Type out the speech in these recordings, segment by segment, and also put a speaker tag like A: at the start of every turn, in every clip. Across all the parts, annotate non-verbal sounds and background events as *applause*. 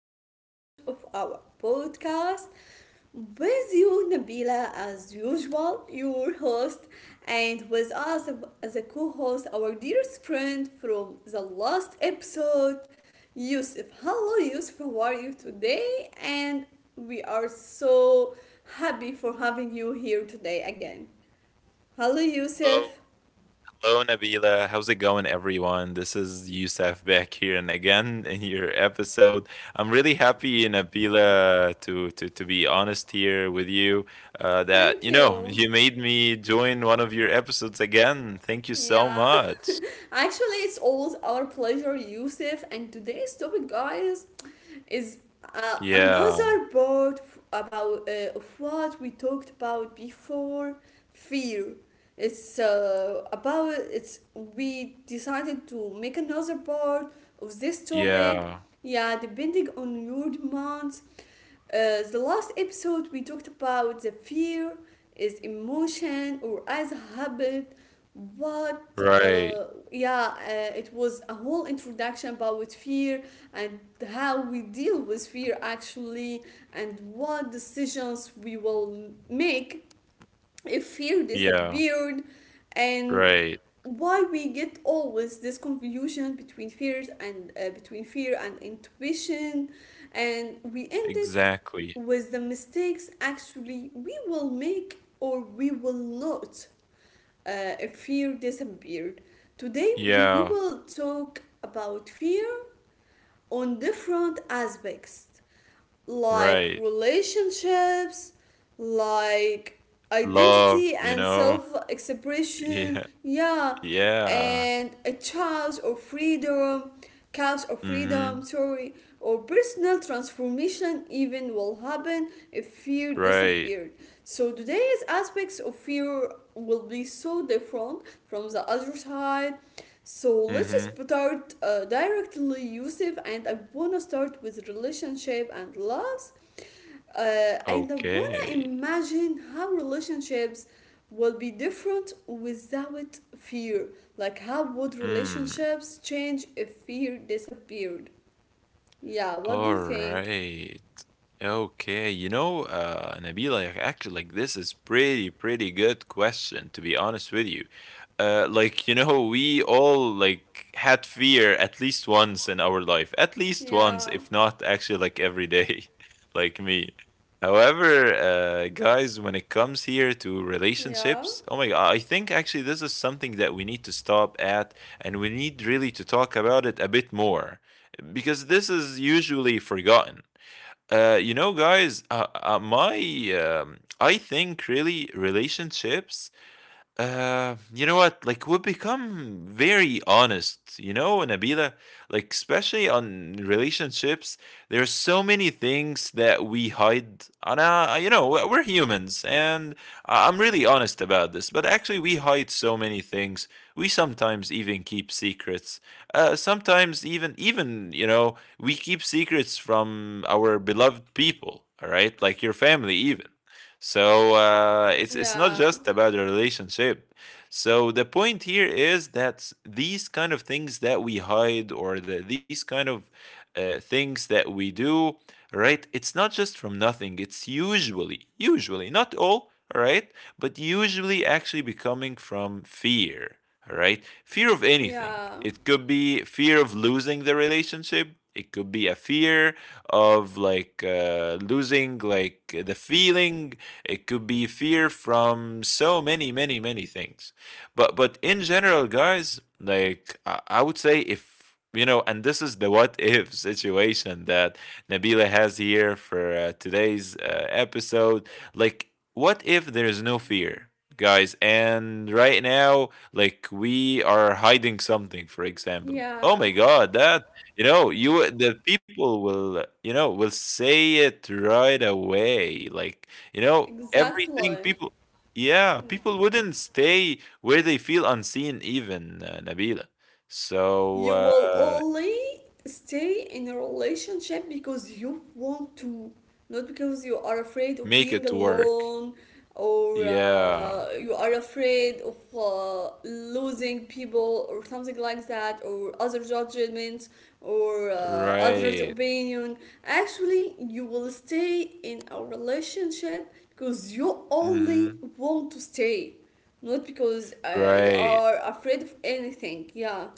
A: new episode of our podcast. With you, Nabila, as usual, your host, and with us as a co host, our dearest friend from the last episode, Yusuf. Hello, Yusuf, how are you today? And we are so happy for having you here today again. Hello,
B: Hello,
A: Yusuf.
B: hello Nabila. How's it going, everyone? This is Youssef back here and again *laughs* in your episode. I'm really happy, Nabila, to be honest here with you. That
A: Thank
B: you know
A: you.
B: you made me join one of your episodes again. Thank you so
A: Yeah,
B: much.
A: *laughs* actually, it's always our pleasure, Yusuf. And today's topic, guys, is
B: Yeah,
A: another part f- about of what we talked about before fear. It's about it's We decided to make another part of this topic.
B: yeah,
A: Yeah, depending on your demands, the last episode we talked about the fear is emotion or as a habit, but
B: right.
A: it was a whole introduction about fear, and how we deal with fear actually, and what decisions we will make if fear
B: Yeah,
A: disappeared, and
B: right.
A: why we get always this confusion between fears and between fear and intuition, and we end it
B: Exactly.
A: with the mistakes actually we will make or we will not if fear disappeared. Today we
B: Yeah,
A: will talk about fear on different aspects like
B: right.
A: relationships, like
B: Love,
A: identity
B: you
A: and
B: know.
A: self
B: *laughs*
A: expression,
B: Yeah,
A: yeah,
B: yeah.
A: and a choice or freedom, couch or
B: Mm-hmm.
A: freedom, sorry, or personal transformation even will happen if fear
B: Right.
A: disappeared. So today's aspects of fear will be so different from the other side. So let's
B: Mm-hmm.
A: start directly, Yusuf, and I wanna start with relationship and loves. And I wanna
B: Okay.
A: imagine how relationships will be different without fear. Like, how would
B: Hmm.
A: relationships change if fear disappeared? Yeah,
B: All
A: what do you think?
B: right. Okay, you know, Nabila, like, actually, like this is pretty good question to be honest with you. Like you know, we all like had fear at least once in our life, at least once,
A: Yeah,
B: if not actually like every day, *laughs* like me. However, guys, when it comes here to
A: yeah,
B: relationships, oh my god, I think actually this is something that we need to stop at, and we need really to talk about it a bit more because this is usually forgotten. You know, guys, my I think really relationships, you know what? Like, we become very honest, you know, Nabila? Like, especially on relationships, there's so many things that we hide. And, you know, we're humans, and I'm really honest about this. But actually, we hide so many things. We sometimes even keep secrets. Sometimes even, you know, we keep secrets from our beloved people, all right? Like your family, even. So it's not
A: yeah,
B: just about a relationship. So the point here is that these kind of things that we hide these kind of things that we do, right? It's not just from nothing. It's usually, not all, right? But usually actually becoming from fear, right? Fear of anything.
A: yeah,
B: It could be fear of losing the relationship. It could be a fear of like losing like the feeling. It could be fear from so many things. But in general, guys, like I would say if you know, and this is the what if *laughs* situation that Nabila has here for today's episode. Like, what if there is no fear? Guys, and right now like we are hiding something, for example, oh
A: yeah,
B: my god, that you know you the people will, you know, will say it right away. Like, you know, everything,
A: exactly.
B: people, yeah, people wouldn't stay where they feel unseen even, Nabila. So,
A: You will only stay in a relationship because you want to, not because you are afraid of
B: make
A: being
B: it work.
A: alone, or
B: Yeah,
A: you are afraid of losing people or something like that, or other judgments, or
B: right.
A: others opinion. Actually you will stay in a relationship because you only
B: Mhm.
A: want to stay, not because you
B: Right.
A: are afraid of anything, yeah.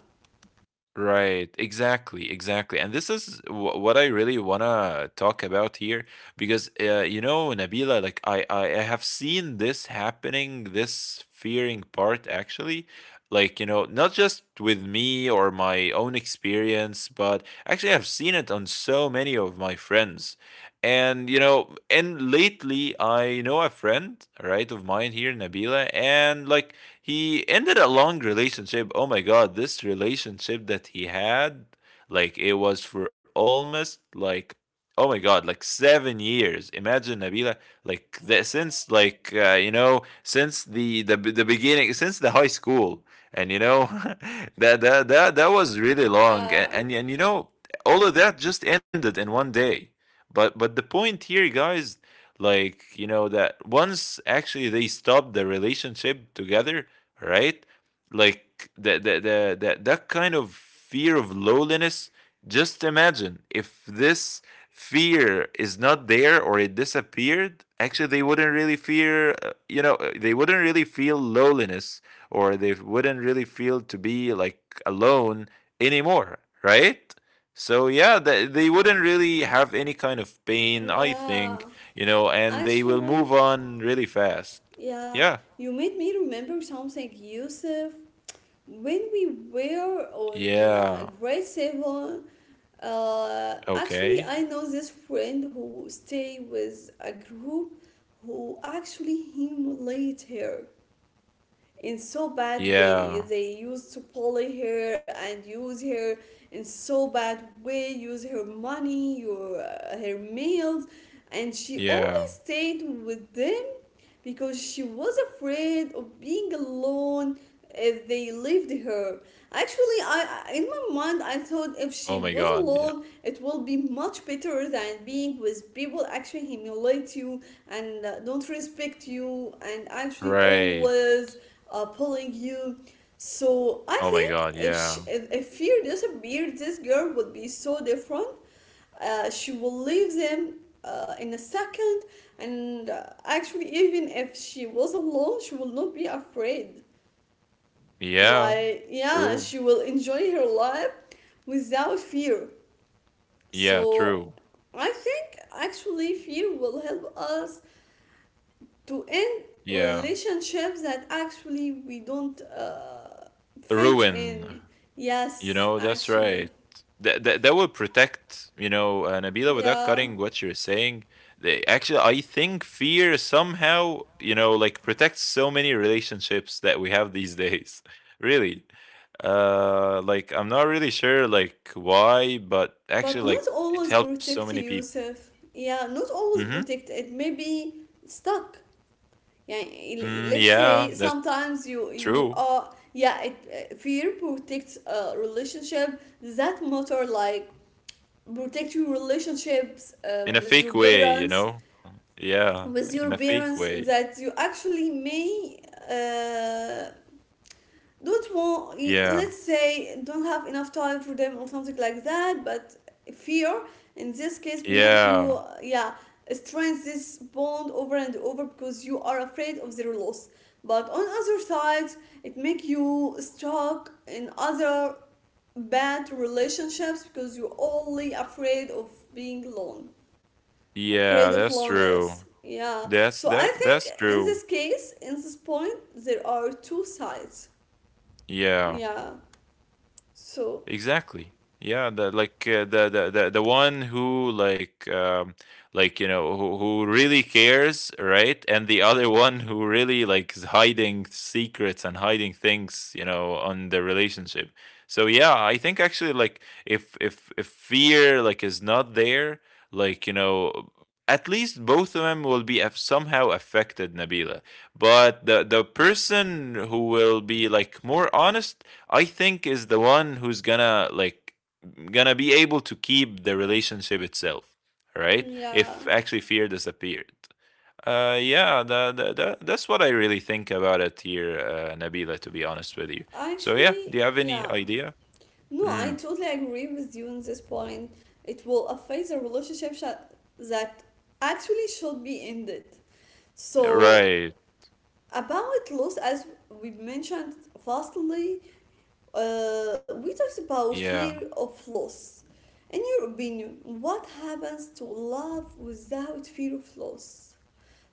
B: Right, exactly. And this is what I really want to talk about here because you know, Nabila, like I have seen this happening, this fearing part actually. Like, you know, not just with me or my own experience, but actually I've seen it on so many of my friends. And you know, and lately I know a friend, right, of mine here, Nabila, and like he ended a long relationship. Oh my god, this relationship that he had, like it was for almost like oh my god, like 7 years. Imagine Nabila, since like you know, since the beginning, since the high school, and you know *laughs* that was really long, and,
A: Yeah,
B: and, you know, all of that just ended in one day. But the point here, guys, like you know, that once actually they stop the relationship together, right? Like the that kind of fear of loneliness. Just imagine if this fear is not there or it disappeared, actually they wouldn't really fear, they wouldn't really feel loneliness, or they wouldn't really feel to be like alone anymore, right? So yeah, they wouldn't really have any kind of pain, I think,
A: yeah.
B: you know, and they will move
A: Actually,
B: on really fast.
A: yeah,
B: Yeah.
A: you made me remember something, Yusuf. When we were on
B: Yeah.
A: grade seven, actually,
B: Okay.
A: I know this friend who stay with a group who actually him later in so bad way.
B: Yeah.
A: They used to bully her and use her in so bad way, use her money, your her meals, and she only
B: Yeah.
A: stayed with them because she was afraid of being alone if they left her. Actually, in my mind I thought if she
B: Oh my
A: was
B: god, yeah.
A: alone it will be much better than being with people actually humiliate you and don't respect you and actually
B: Right.
A: always pulling you. So I
B: Oh my
A: think
B: god,
A: if she,
B: yeah.
A: if fear disappeared, this girl would be so different. She will leave them in a second, and actually, even if she was alone, she will not be afraid.
B: Yeah.
A: Like yeah,
B: True.
A: she will enjoy her life without fear.
B: Yeah,
A: So
B: true.
A: I think actually fear will help us to end
B: Yeah.
A: relationships that actually we don't fit
B: Ruin.
A: in.
B: You
A: Yes,
B: know, that's right.
A: actually.
B: That will protect, you know, Nabila, without
A: Yeah.
B: cutting what you're saying. Actually, I think fear somehow, you know, like protects so many relationships that we have these days. *laughs* Really. Like I'm not really sure like why, but
A: But
B: actually
A: not
B: like it
A: always
B: helps so
A: protect
B: many people.
A: yourself. Yeah, not always
B: Mhm.
A: protect. It may be stuck. Yeah,
B: Mm,
A: let's
B: yeah,
A: say
B: that's
A: sometimes you
B: true.
A: are yeah fear protects a relationship that matter, like protect your relationships
B: In a
A: with your
B: fake way, you
A: parents,
B: know. Yeah, in a fake way.
A: that you actually may uh, don't want,
B: Yeah.
A: let's say don't have enough time for them or something like that. But fear in this case make you
B: Yeah.
A: yeah, strengthen this bond over and over because you are afraid of their loss. But on other side, it make you stuck in other bad relationships because you're only afraid of being alone,
B: Yeah,
A: afraid of
B: that's true.
A: loneliness. Yeah.
B: That's
A: So I
B: that that's
A: think in
B: true.
A: this case, in this point, there are two sides.
B: Yeah.
A: Yeah. So,
B: Exactly. Yeah, the like the one who like you know, who really cares, right? And the other one who really like is hiding secrets and hiding things, you know, on the relationship. So yeah, I think actually like if fear like is not there, like you know, at least both of them will be somehow affected, Nabila. But the person who will be like more honest, I think is the one who's gonna like gonna be able to keep the relationship itself, right?
A: yeah.
B: If actually fear disappeared. Yeah, that's what I really think about it here, Nabila, to be honest with you. So, yeah,
A: Actually,
B: do you have any
A: yeah.
B: idea?
A: No, I
B: Mm,
A: totally agree with you on this point. It will affect the relationship that actually should be ended. So,
B: right.
A: about loss, as we mentioned vastly, we talked about
B: Yeah.
A: fear of loss. In your opinion, what happens to love without fear of loss?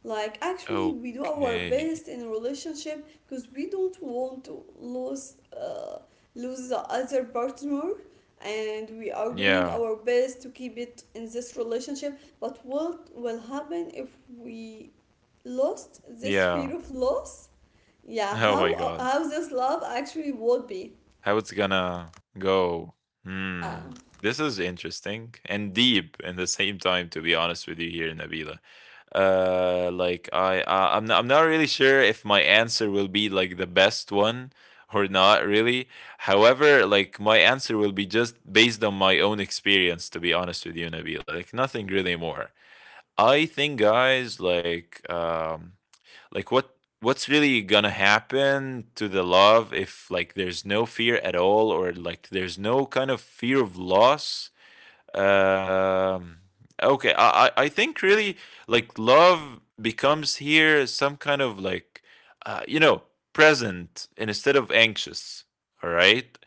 A: Like, actually, we do our
B: Okay.
A: best in a relationship because we don't want to lose, lose the other partner, and we are doing
B: Yeah.
A: our best to keep it in this relationship. But what will happen if we lost this
B: Yeah.
A: fear
B: *laughs*
A: of loss? Yeah,
B: Oh my God.
A: how this love actually would be?
B: How it's gonna go.
A: Yeah.
B: Hmm. This is interesting and deep in the same time, to be honest with you here, Nabila. I'm not really sure if my answer will be like the best one or not really. However, like my answer will be just based on my own experience. To be honest with you, Nabil, like nothing really more. I think, guys, like what's really gonna happen to the love if like there's no fear at all, or like there's no kind of fear of loss. um, okay, I think really like love becomes here some kind of like you know, present instead of anxious. All right.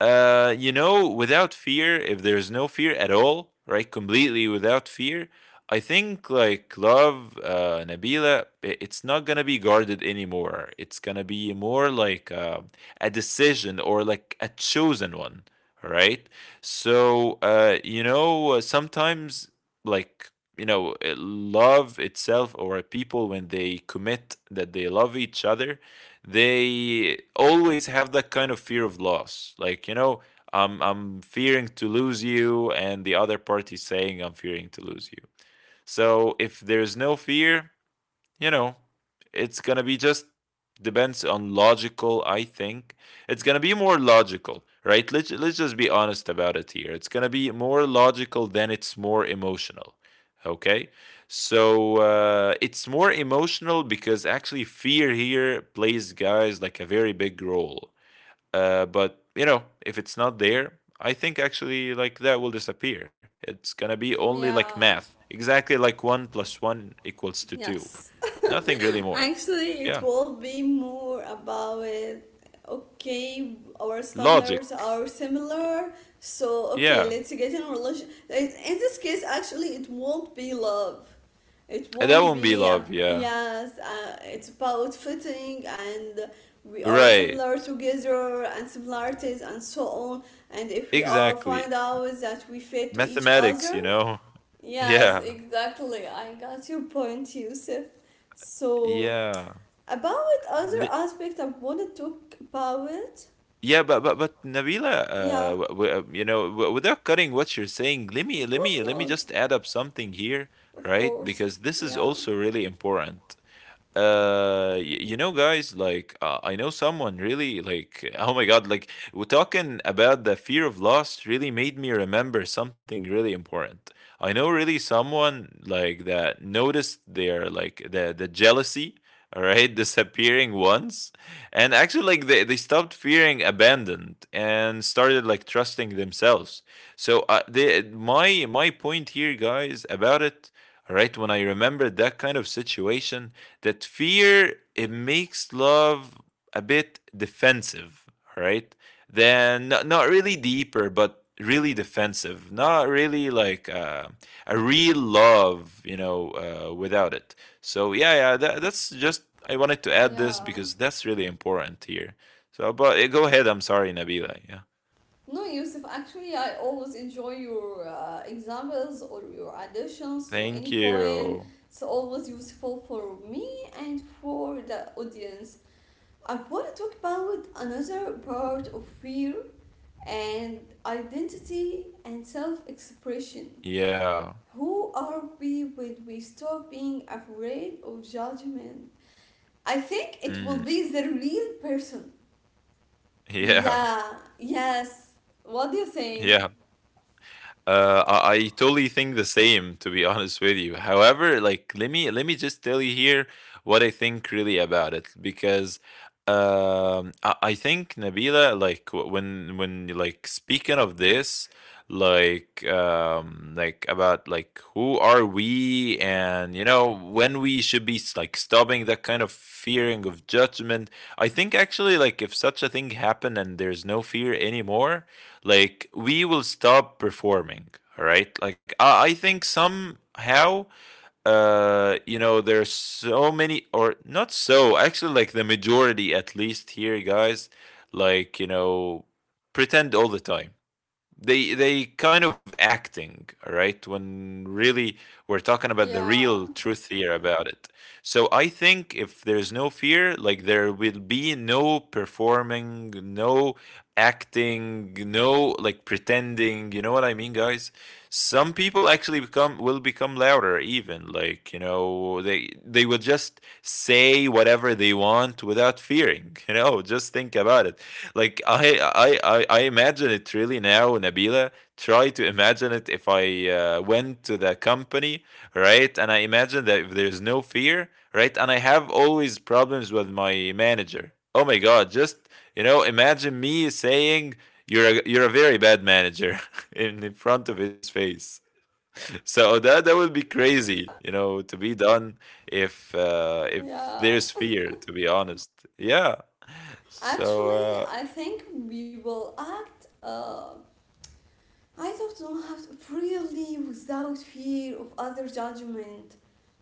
B: You know, without fear, if there's no fear at all, right? Completely without fear, I think like love, Nabila, it's not gonna be guarded anymore. It's gonna be more like a decision or like a chosen one, right? So, sometimes, like, you know, love itself, or people, when they commit that they love each other, they always have that kind of fear of loss. Like, you know, I'm fearing to lose you, and the other party is saying, I'm fearing to lose you. So, if there's no fear, you know, it's gonna be just depends on logical. I think it's gonna be more logical, right? Let's just be honest about it here. It's gonna be more logical than it's more emotional. Okay, so it's more emotional because actually fear here plays, guys, like a very big role. But you know, if it's not there, I think actually like that will disappear. It's gonna be only like
A: Yeah,
B: math, exactly like one plus one equals to two.
A: yes.
B: Nothing
A: *laughs*
B: really more.
A: Actually, it
B: Yeah.
A: will be more about okay, our
B: Logic.
A: standards are similar, so okay,
B: Yeah.
A: let's get in relation. In this case, actually, it won't be love. It
B: And that
A: won't
B: won't be
A: be a,
B: love. Yeah.
A: yes. It's about fitting, and we are
B: Right.
A: similar together, and similarities, and so on. And if we are
B: Exactly.
A: find out that we fit to each
B: Mathematics, you
A: other,
B: know? *laughs*
A: yes,
B: Yeah.
A: exactly. I got your point, Yusuf. So,
B: Yeah.
A: about other
B: Li-
A: aspect I want to talk about it.
B: yeah, but but Nabila,
A: Yeah,
B: you know, without cutting what you're saying, let me let
A: of
B: me
A: course
B: let me just
A: not.
B: add up something here,
A: Of
B: right?
A: course.
B: Because this is
A: Yeah.
B: also really important. uh y- you know, guys, like, I know someone really like *laughs* oh my god, like we're talking about the fear of loss, really made me remember something really important. I know really someone like that noticed their like the jealousy, all right, *laughs* disappearing once. And actually like they stopped fearing abandoned and started like trusting themselves. So my my point here, guys, about it, all right, when I remembered that kind of situation, that fear, it makes love a bit defensive, right? Then not really deeper but really defensive, not really like a real love, you know, without it. So yeah, yeah, that's just I wanted to add this
A: Yeah.
B: because that's really important here. So but go ahead, I'm sorry Nabila. Yeah,
A: No, Yusuf, actually, I always enjoy your examples or your additions to
B: thank
A: any point.
B: you.
A: It's always useful for me and for the audience. I want to talk about another part of fear and identity and self expression.
B: Yeah.
A: Who are we when we stop being afraid of judgment? I think it will
B: Mm.
A: be the real person.
B: Yeah.
A: Yeah, yes. What do you
B: *laughs* Yeah.
A: think?
B: I totally think the same, to be *laughs* honest with you. However, like let me just tell you here what I think really about it, because I think Nabila, like when like speaking of this, like about like who are we, and you know, when we should be like stopping that kind of fearing of judgment. I think actually like if such a thing happened and there's no fear anymore, like we will stop performing. All right, like I think somehow you know there's so many, or not, so actually like the majority at least here, guys, like you know, pretend all the time. They kind of acting all right when really we're talking about the real
A: Yeah,
B: truth here about it. So I think if there's no fear, like there will be no performing, no acting, no like pretending, you know what I mean, guys? Some people actually become, will become louder even, like you know they will just say whatever they want without fearing *laughs* you know, just think about it. Like I imagine it really now, Nabila. Try to imagine it if I went to the company, right? And I imagine that if there's no fear, right? And I have always problems with my manager. Oh my God! Just you know, imagine me saying you're a very bad manager *laughs* in front of his face. So that would be crazy, you know, to be done if
A: yeah.
B: there's
A: *laughs*
B: fear. To be honest, yeah. So
A: Actually, I think we will act I thought don't have to really without fear of other judgment.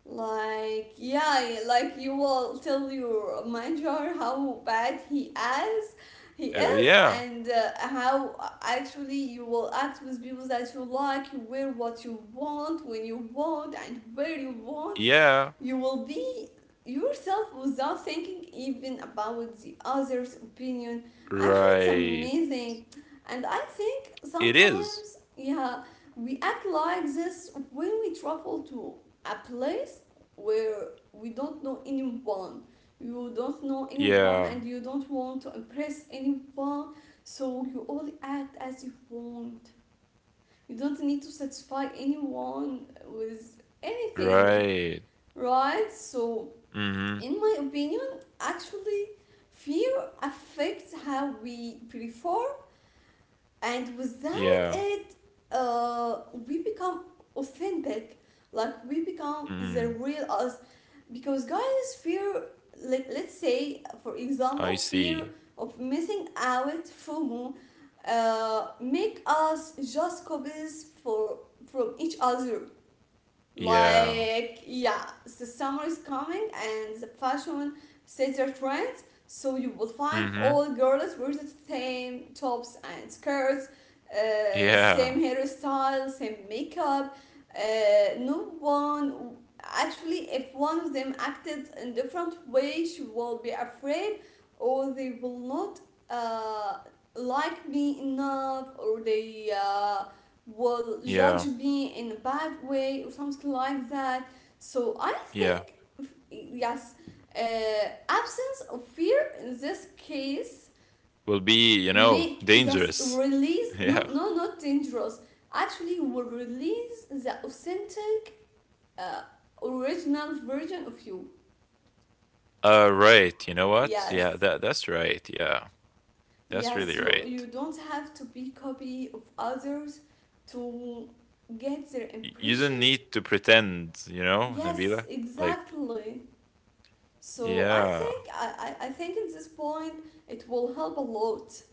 A: Like yeah, like you will tell your manager how bad is, he is,
B: yeah,
A: and how actually you will act with people that you like, you wear what you want, when you want, and where you want,
B: yeah,
A: you will be yourself without thinking even about the other's opinion. Actually, it's
B: right.
A: amazing. And I think
B: It is.
A: sometimes, yeah, we act like this when we travel to a place where we don't know anyone. You don't know anyone and
B: Yeah,
A: you don't want to impress anyone, so you only act as you want. You don't need to satisfy anyone with anything,
B: right.
A: right? So,
B: Mhm.
A: in my opinion, actually, fear affects how we perform, and without
B: Yeah.
A: it, uh, we become authentic. Like we become the
B: Mm.
A: real us, because guys, fear. Let let's say, for example,
B: I
A: fear
B: see.
A: of missing out, FOMO, make us just copies for from each other.
B: Yeah.
A: Like, yeah, the summer is coming and the fashion sets your trends, so you will find
B: Mhm.
A: all girls wear the same tops and skirts,
B: Yeah.
A: same hairstyle, same makeup. No one actually, if one of them acted in different way, she will be afraid, or they will not uh, like me enough, or they. Will judge
B: Yeah.
A: me in a bad way or something like that. So I
B: Yeah.
A: think, yes, absence of fear in this case
B: Will be, you know,
A: make, yes,
B: dangerous.
A: release,
B: *laughs* Yeah.
A: no no, not dangerous, actually will release the authentic uh, original version of you.
B: Right. You know what?
A: Yes,
B: Yeah, that's right. Yeah. That's
A: yes,
B: really
A: you
B: right.
A: don't have to be copy of others to get their
B: You don't
A: impression.
B: need to pretend, you know,
A: Yes,
B: Nabila? Like,
A: exactly. So I
B: yeah.
A: think I think at this point it will help a lot,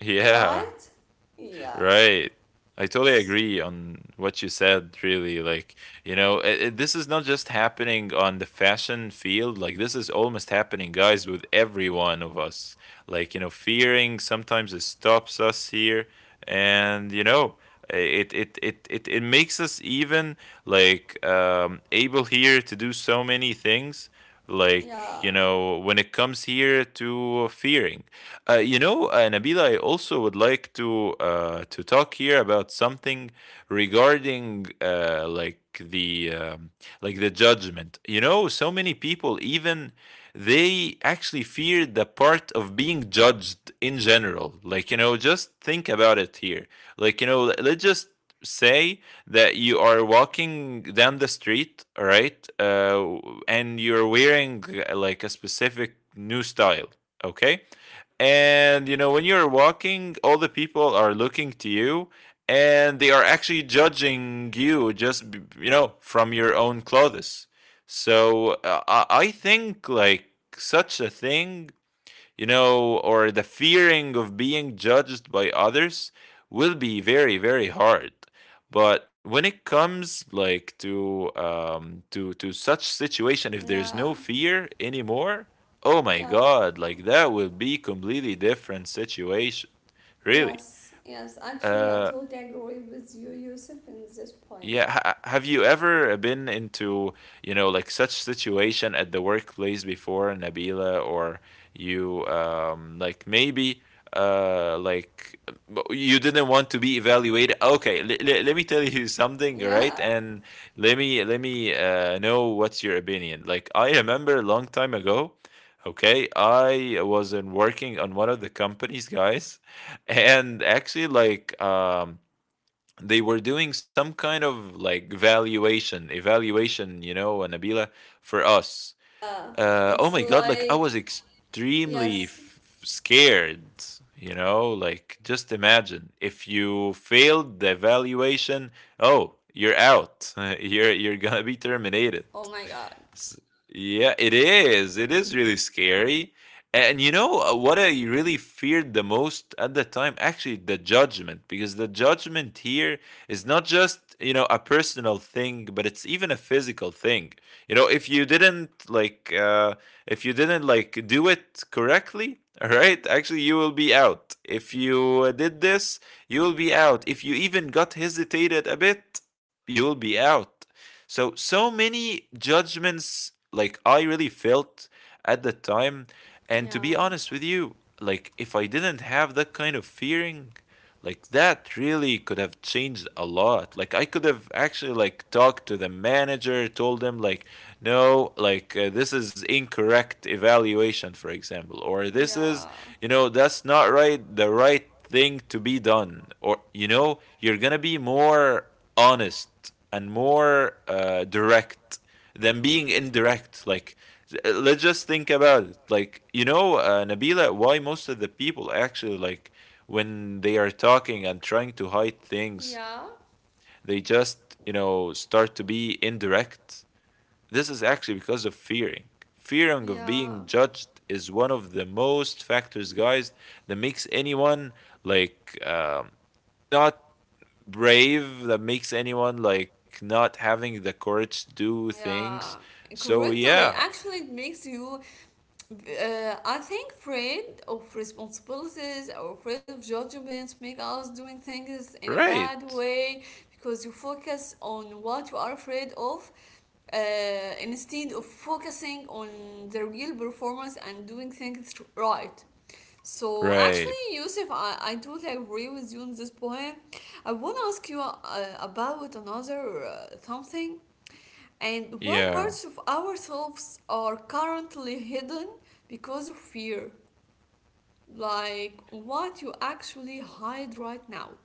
B: *laughs* Yeah.
A: right? Yeah.
B: Right. I totally
A: S-
B: agree on what you said, really. Like, you know, this is not just happening on the fashion field. Like, this is almost happening, guys, with every one of us. Like, you know, fearing sometimes it stops us here. And, you know, it makes us even like able here to do so many things, like
A: Yeah.
B: you know, when it comes here to fearing. You know, Nabila, I also would like to talk here about something regarding like the judgment. You know, so many people even, they actually fear the part of being judged in general. Like you know, just think about it here. Like you know, let's just say that you are walking down the street, all right, and you're wearing like a specific new style. Okay, and you know, when you're walking, all the people are looking to you and they are actually judging you just you know, from your own clothes. So I think like such a thing, you know, or the fearing of being judged by others will be very, very hard. But when it comes like to such situation, if there's
A: Yeah.
B: no fear anymore, oh my
A: Yeah.
B: god, like that will be completely different situation, really.
A: Yes. Yes. Actually, I
B: Uh,
A: totally agree with you, Yusuf, in this point.
B: Yeah, have you ever been into, you know, like such situation at the workplace before, Nabila? Or you like maybe like you didn't want to be evaluated. Okay, let me tell you something, right?
A: Yeah.
B: And let me know what's your opinion. Like I remember a long time ago, okay, I was in working on one of the companies, guys, *laughs* and actually like they were doing some kind of like valuation evaluation, you know, Nabila, for us.
A: Yeah,
B: Oh
A: it's
B: my god, like I
A: like
B: was extremely
A: yes.
B: scared, you know, like just imagine if you failed the evaluation, oh, you're out. *laughs* You're going to be terminated.
A: Oh my God.
B: S- yeah, it is. It is really scary. And you know, what I really feared the most at the time? Actually, the judgment, because the judgment here is not just, you know, a personal thing, but it's even a physical thing. You know, if you didn't like if you didn't like do it correctly *laughs* all right, actually you will be out. If you did this, you will be out. If you even got hesitated a bit, you will be out. So so many judgments like I really felt at the time. And to
A: Yeah.
B: be honest with you, like if I didn't have that kind of fearing, like that really could have changed a lot. Like I could have actually like talked to the manager, told them like no, like this is incorrect evaluation, for example, or this is,
A: Yeah.
B: you know, that's not right, the right thing to be done. Or you know, you're gonna be more honest and more direct than being indirect. Like let's just think about it, like you know, Nabila, why most of the people actually, like when they are talking and trying to hide things,
A: Yeah.
B: they just, you know, start to be indirect. This is actually because of fearing. Fearing of being
A: Yeah.
B: judged is one of the most factors, guys, that makes anyone like not brave, that makes anyone like not having the courage to do things.
A: Yeah.
B: So,
A: Correctly.
B: yeah,
A: Actually, it makes you I think afraid of responsibilities or afraid of judgments make us doing things in a bad
B: right,
A: way because you focus on what you are afraid of uh, instead of focusing on the real performance and doing things right. So actually,
B: right,
A: Yusuf, I totally agree with you on this point. I want to ask you about another something. And what parts
B: yeah.
A: of ourselves are currently hidden because of fear? Like what you actually hide right now?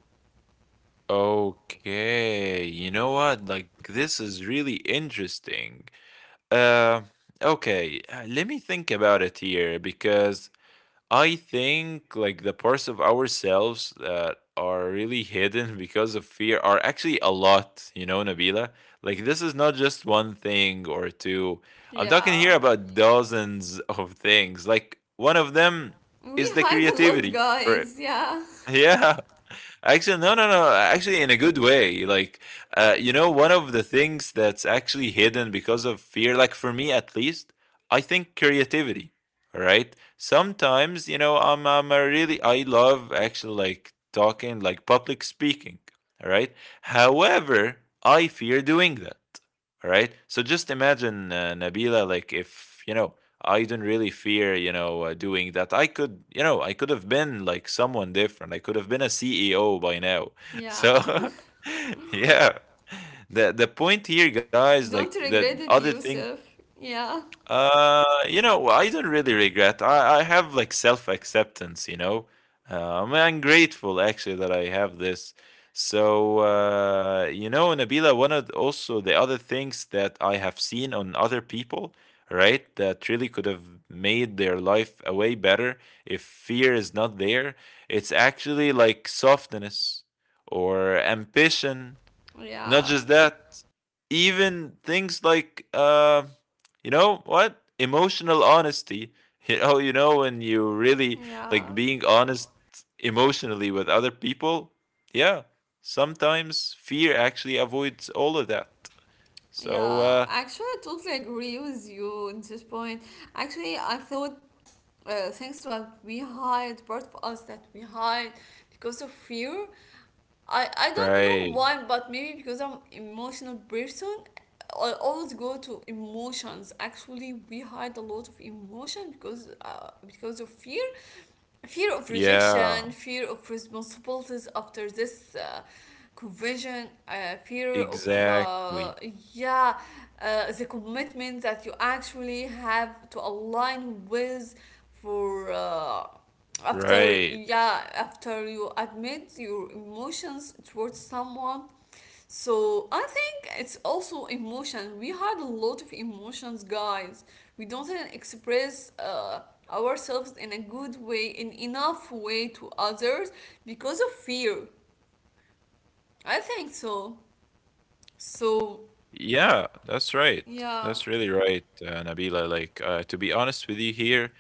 B: Okay, you know what? Like this is really interesting. Uh, okay, let me think about it here because I think like the parts of ourselves that are really hidden *laughs* because of fear are actually a lot, you know, Nabila. Like this is not just one thing or two. I'm talking
A: Yeah.
B: here about dozens of things. Like one of them
A: We
B: is the
A: hide a lot,
B: creativity for
A: guys. Yeah.
B: *laughs* yeah. Actually, no, no, no. Actually, in a good way. Like, you know, one of the things that's actually hidden because of fear, like for me at least, I think creativity. All right. Sometimes, you know, I'm a really, I love actually like talking, like public speaking. All right. However, I fear doing that. All right. So just imagine, Nabila, like if, you know, I didn't really fear, you know, doing that. I could, you know, I could have been like someone different. I could have been a CEO by now. *laughs*
A: Yeah.
B: So, *laughs* yeah. The point here, guys,
A: *laughs*
B: like
A: Don't
B: the
A: regret it,
B: other thing
A: Yusuf. Yeah.
B: you know, I don't really regret. I have like self-acceptance, you know. I'm grateful actually that I have this. So, you know, Nabila, one of the- also the other things that I have seen on other people, right, that really could have made their life a way better if fear is not there. It's actually like softness or ambition, not
A: Yeah.
B: just that, even things like you know what? Emotional honesty. *laughs* You know when you really like
A: Yeah.
B: being honest emotionally with other people. Yeah, sometimes fear actually avoids all of that. So
A: Yeah. Actually, I totally agree with you on this point. Actually, I thought things that we hide, part of us that we hide because of fear, I don't know
B: right.
A: why, but maybe because I'm emotional person, I always go to emotions. Actually, we hide a lot of emotion because of fear, fear of rejection,
B: Yeah,
A: fear of responsibilities after this conversion, fear of uh,
B: exactly.
A: yeah the commitment that you actually have to align with for after,
B: Right.
A: yeah, after you admit your emotions towards someone. So I think it's also emotion. We had a lot of emotions, guys. We don't express ourselves in a good way, in enough way to others because of fear. I think so. So
B: Yeah, that's right.
A: yeah,
B: That's really right, Nabila. Like, to be honest with you here,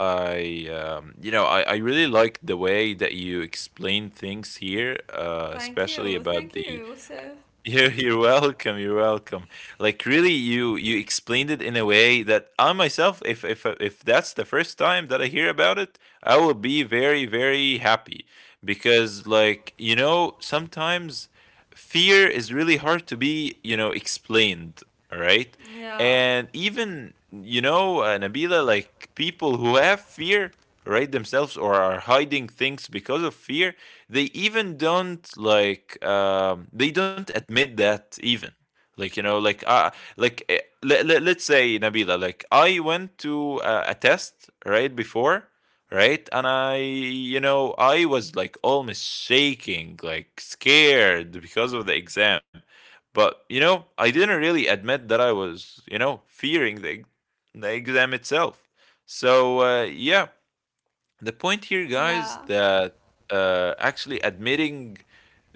B: you know, I really like the way that you explain things here,
A: thank
B: especially
A: you,
B: about
A: thank
B: the
A: you. So
B: you're welcome. You're welcome. Like really, you explained it in a way that I myself, if that's the first time that I hear about it, I will be very very happy because like you know sometimes fear is really hard to be, you know, explained. All right,
A: yeah,
B: and even you know, Nabila, like people who have fear, right, themselves or are hiding things because of fear, they even don't like they don't admit that even, like you know like let's say, Nabila, like I went to a test right before, right, and I you know I was like almost shaking, like scared because of the exam, but you know I didn't really admit that I was, you know, fearing the exam itself. So yeah, the point here, guys,
A: yeah,
B: that actually admitting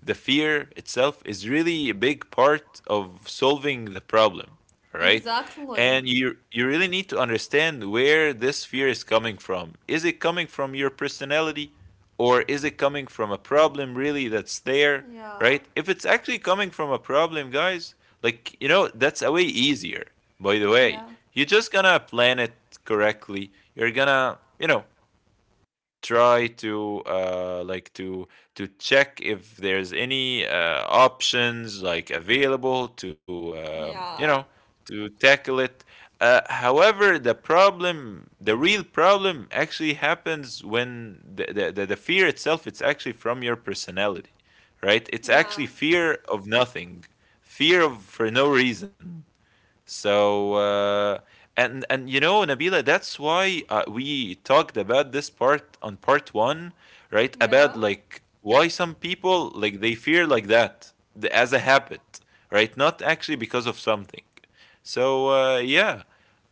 B: the fear itself is really a big part of solving the problem, right?
A: exactly.
B: And you really need to understand where this fear is coming from. Is it coming from your personality, or is it coming from a problem really that's there,
A: Yeah,
B: right? If it's actually coming from a problem, guys, like you know, that's a way easier. By the way,
A: yeah,
B: you're just gonna plan it correctly. You're gonna, you know, try to like to check if there's any options like available to you
A: yeah,
B: know, to tackle it. However, the problem, the real problem, actually happens when the fear itself. It's actually from your personality, right? It's
A: yeah,
B: actually fear of nothing, fear of for no reason. So and you know, Nabila, that's why we talked about this part on part one, right?
A: yeah,
B: About like why some people like they fear like that the, as a habit, right? Not actually because of something. So uh, yeah,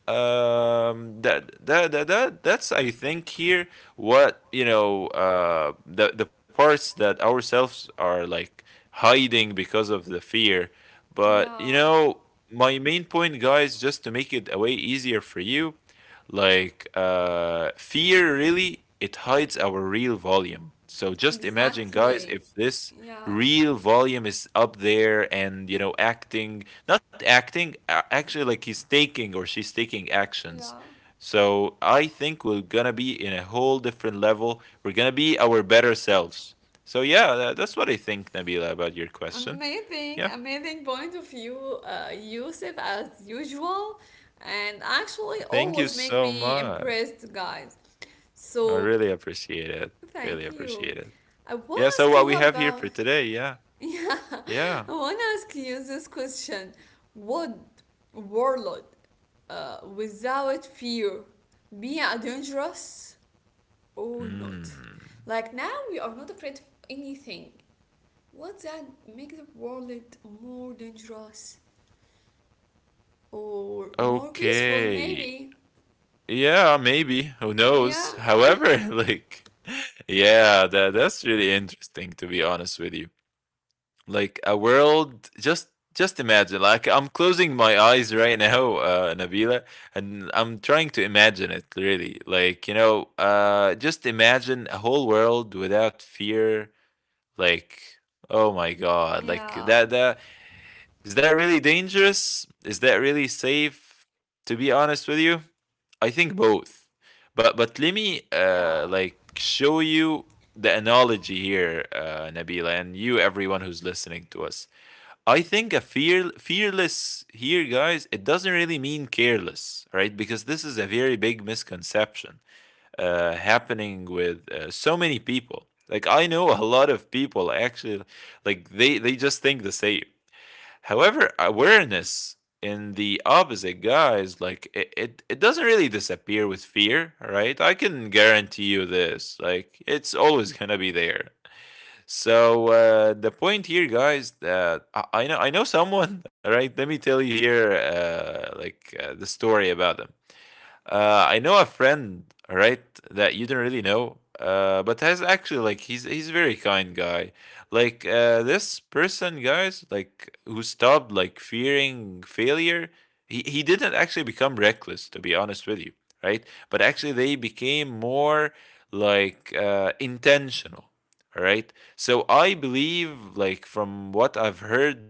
B: um that's I think here what you know the parts that ourselves are like hiding because of the fear, but you
A: yeah,
B: know, my main point, guys, just to make it a way easier for you, like fear really, it hides our real volume. So just imagine, guys,
A: exactly.
B: if this
A: Yeah,
B: real volume is up there and, you know, acting not acting actually, like he's taking or she's taking actions,
A: yeah.
B: so I think we're gonna be in a whole different level, we're gonna be our better selves. So yeah, that's what I think, Nabila, about your question.
A: Amazing,
B: Yeah,
A: amazing point of view, Yusuf, as usual, and actually
B: thank you
A: always make
B: so
A: me
B: much.
A: impressed, guys.
B: I
A: So
B: really appreciate it. Really
A: thank you.
B: appreciate it.
A: I want
B: Yeah,
A: to
B: so
A: ask
B: what
A: you
B: we have here
A: about,
B: for today? Yeah.
A: *laughs* yeah,
B: Yeah.
A: I want to ask you this question: Would warlord, without fear, be a dangerous or not?
B: Mm.
A: Like now, we are not afraid of anything. Would that make the world more dangerous? Or more peaceful,
B: Okay.
A: maybe.
B: Yeah, maybe. Who knows?
A: Yeah.
B: However, *laughs* like, yeah, that's really interesting, to be honest with you. Like a world, just imagine. Like I'm closing my eyes right now, Nabila, and I'm trying to imagine it really. Like, you know, just imagine a whole world without fear. Like, oh my God. Like
A: Yeah.
B: that is that really dangerous? Is that really safe? To be honest with you? I think both, but let me
A: Yeah.
B: like show you the analogy here, Nabila, and you, everyone who's listening to us. I think a fear fearless here, guys, it doesn't really mean careless, right? Because this is a very big misconception happening with so many people. Like I know a lot of people actually, like they just think the same. However, awareness in the opposite, guys, like it doesn't really disappear with fear, right? I can guarantee you this. Like it's always gonna be there. So the point here, guys, that I know someone, *laughs* all right? Let me tell you here, the story about them. I know a friend, right, that you do not really know, but has actually like he's a very kind guy. Like this person, guys, like who stopped like fearing failure. He didn't actually become reckless, to be honest with you, right? But actually, they became more like intentional, all right? So I believe, like from what I've heard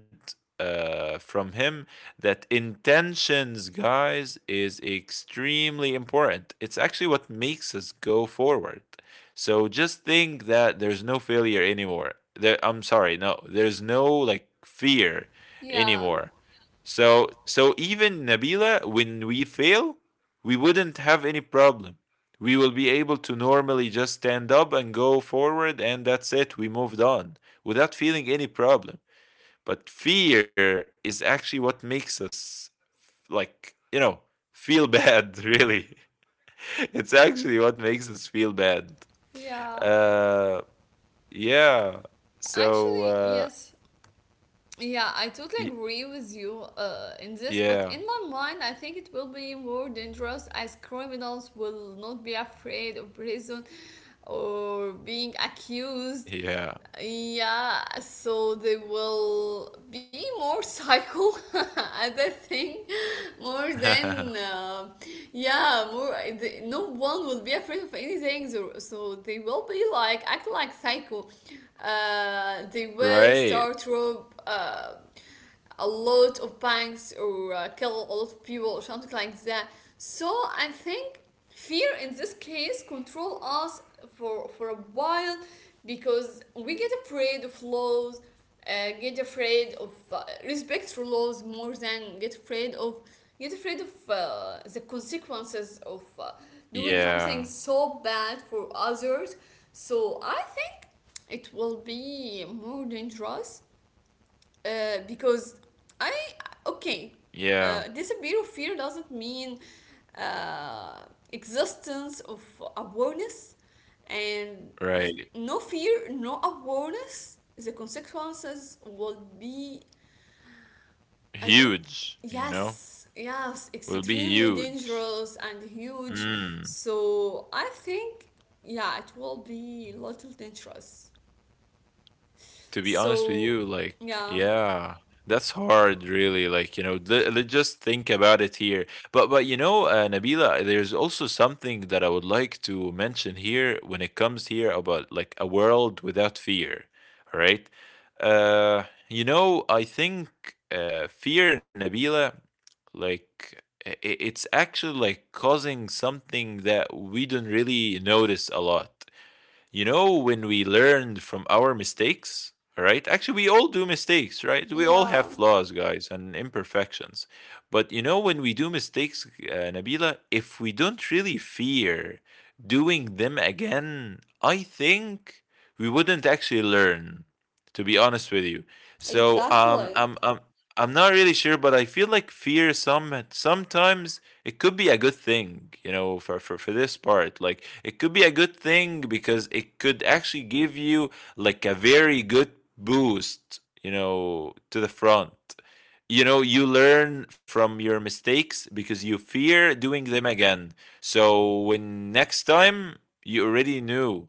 B: from him, that intentions, guys, is extremely important. It's actually what makes us go forward. So just think that there's no failure anymore. There, I'm sorry, no, there's no like fear
A: Yeah.
B: anymore. So even Nabila, when we fail, we wouldn't have any problem. We will be able to normally just stand up and go forward, and that's it. We moved on without feeling any problem. But fear is actually what makes us like, you know, feel bad, really. *laughs* It's actually what makes us feel bad.
A: Yeah.
B: Uh yeah. So
A: Actually,
B: uh
A: yes. Yeah, I totally
B: y-
A: agree with you in this, but
B: yeah.
A: in my mind, I think it will be more dangerous as criminals will not be afraid of prison or being accused.
B: Yeah.
A: Yeah, so they will be more psycho, *laughs* as I think, more than,
B: *laughs*
A: yeah, more. No one will be afraid of anything, so they will be like act like psycho. They will
B: Right.
A: start rob a lot of banks or kill a lot of people or something like that. So I think fear in this case control us for a while because we get afraid of laws, get afraid of respect for laws more than get afraid of the consequences of doing something
B: Yeah.
A: so bad for others. So I think it will be more dangerous because I okay,
B: Yeah.
A: disappear of fear doesn't mean uh, existence of awareness, and
B: Right.
A: no fear, no awareness. The consequences will be I don't.
B: Huge, you know?
A: Yes, yes,
B: Will be
A: extremely
B: huge.
A: dangerous and huge.
B: Mm.
A: So I think yeah, it will be little dangerous.
B: To be honest with
A: So
B: you, like,
A: yeah.
B: yeah, that's hard, really. Like, you know, just think about it here. But, you know, Nabila, there's also something that I would like to mention here when it comes here about like a world without fear. All right. Uh, you know, I think fear, Nabila, like it's actually like causing something that we don't really notice a lot. You know, when we learn from our mistakes, all right? Actually, we all do mistakes, right? We all have
A: Yeah,
B: flaws, guys, and imperfections. But you know, when we do mistakes, Nabila, if we don't really fear doing them again, I think we wouldn't actually learn, to be honest with you. So,
A: exactly.
B: I'm not really sure, but I feel like fear sometimes it could be a good thing, you know, for this part. Like it could be a good thing because it could actually give you like a very good boost, you know, to the front. You know, you learn from your mistakes because you fear doing them again, so when next time you already knew,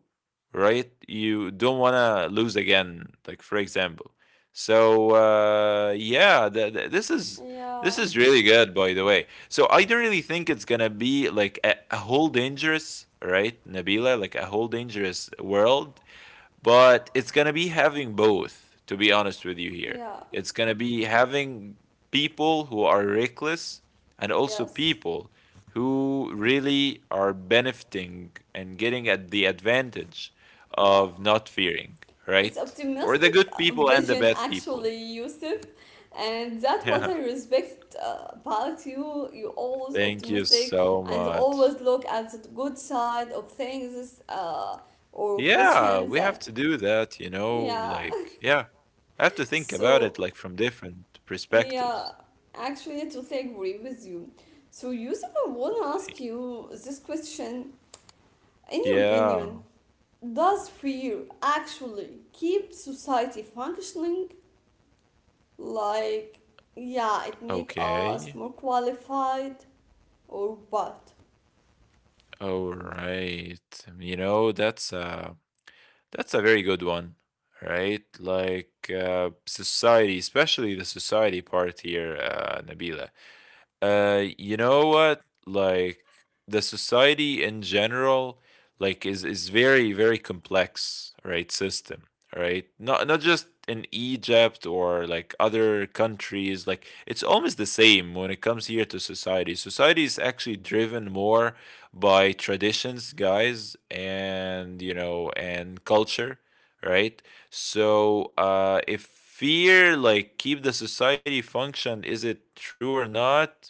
B: right? You don't want to lose again, like for example. So yeah, this is, this
A: Yeah,
B: is really good, by the way. So I don't really think it's gonna be like a whole dangerous, right, Nabila, like a whole dangerous world, but it's gonna be having both, to be honest with you here.
A: yeah,
B: It's gonna be having people who are reckless and also
A: yes.
B: people who really are benefiting and getting at the advantage of
A: Wow.
B: not fearing,
A: It's
B: right? Or the
A: optimistic
B: good people and the
A: vision
B: bad people.
A: actually,
B: *laughs*
A: Yusuf. And that's what
B: Yeah.
A: I respect about you. You're always
B: Thank you
A: optimistic
B: so
A: and
B: much.
A: always look at the good side of things or
B: Yeah,
A: questions
B: we have
A: that,
B: to do that, you know,
A: yeah.
B: like,
A: *laughs*
B: yeah, I have to think about it
A: So,
B: like from different perspectives.
A: yeah, actually, to totally agree with you. So, Yusuf, I want to ask you this question. In your opinion,
B: Yeah,
A: does fear actually keep society functioning? Like, yeah, it make
B: okay.
A: us more qualified or what?
B: All right. You know, that's a, that's a very good one, right? Like society, especially the society part here, Nabila. You know what? Like the society in general, like is very very complex, right? System, right? Not, not just in Egypt or like other countries. Like it's almost the same when it comes here to society. Society is actually driven more by traditions, guys, and you know, and culture, right? So, if fear like keep the society function, is it true or not?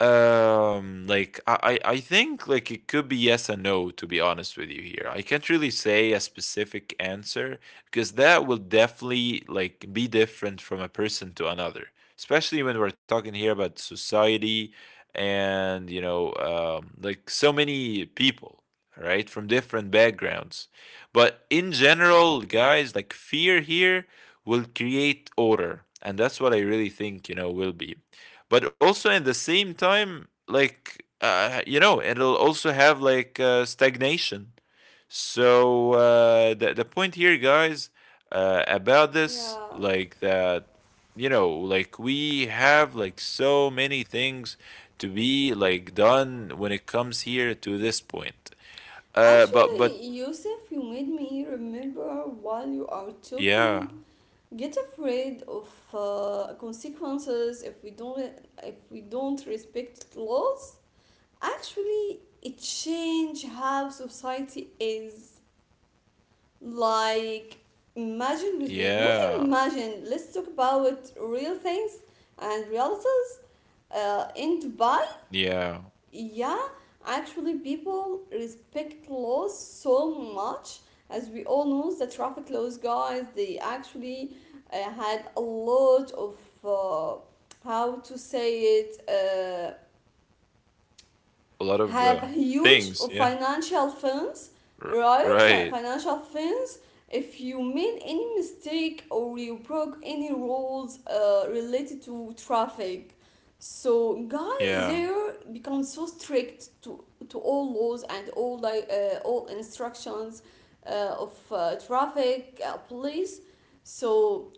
B: I think like it could be yes and no, to be honest with you here. I can't really say a specific answer because that will definitely like be different from a person to another, especially when we're talking here about society and, you know, like so many people, right, from different backgrounds. But in general, guys, like fear here will create order, and that's what I really think, you know, will be. But also in the same time, like you know, it'll also have like stagnation. So the point here, guys, about this,
A: Yeah.
B: like that, you know, like we have like so many things to be like done when it comes here to this point. But
A: Actually, Yusuf, you made me remember while you are
B: yeah.
A: talking. Get afraid of consequences if we don't respect laws. Actually, it change how society is. Like, imagine with me, not
B: Yeah.
A: imagine, let's talk about real things and realities. In Dubai,
B: Yeah.
A: yeah, actually, people respect laws so much. As we all know, the traffic laws guys, they actually had a lot of uh, how to say it.
B: A lot of
A: Have huge
B: things. Yeah.
A: financial funds,
B: R-
A: right?
B: right.
A: Financial funds. If you made any mistake or you broke any rules related to traffic, so guys
B: Yeah.
A: there become so strict to all laws and all like all instructions of traffic police. So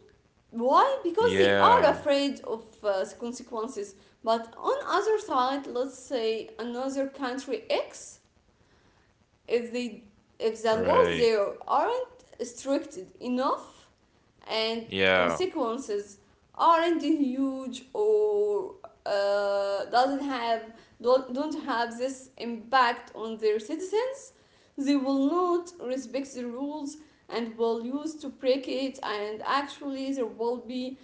A: why? Because they are
B: Yeah.
A: afraid of consequences. But on other side, let's say another country X, if they if the laws
B: Right.
A: there aren't strict enough, and
B: Yeah.
A: consequences aren't huge or doesn't have don't have this impact on their citizens, they will not respect the rules and will use to break it, and actually there will be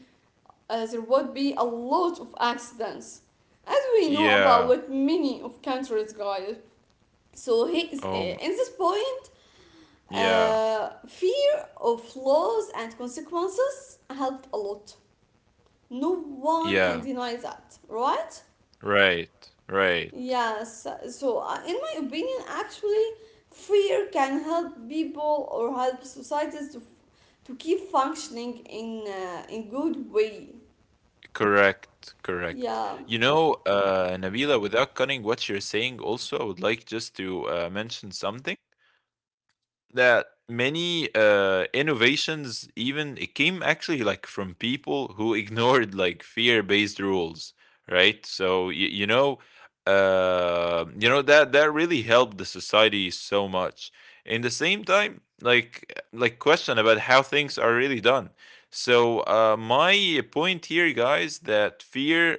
A: uh, there would be a lot of accidents. As we know
B: Yeah.
A: about many of countries, guys. So he is,
B: Um,
A: in this point,
B: yeah.
A: fear of laws and consequences helped a lot. No one can
B: Yeah.
A: deny that, right?
B: Right. Right.
A: Yes. So, in my opinion, actually, fear can help people or help societies to keep functioning in good way.
B: Correct. Correct.
A: Yeah.
B: You know, Nabila, without cutting what you're saying, also, I would like just to mention something. That many innovations, even it came actually like from people who *laughs* ignored like fear-based rules, right? So you, you know that that really helped the society so much. In the same time, like question about how things are really done. So my point here, guys, that fear,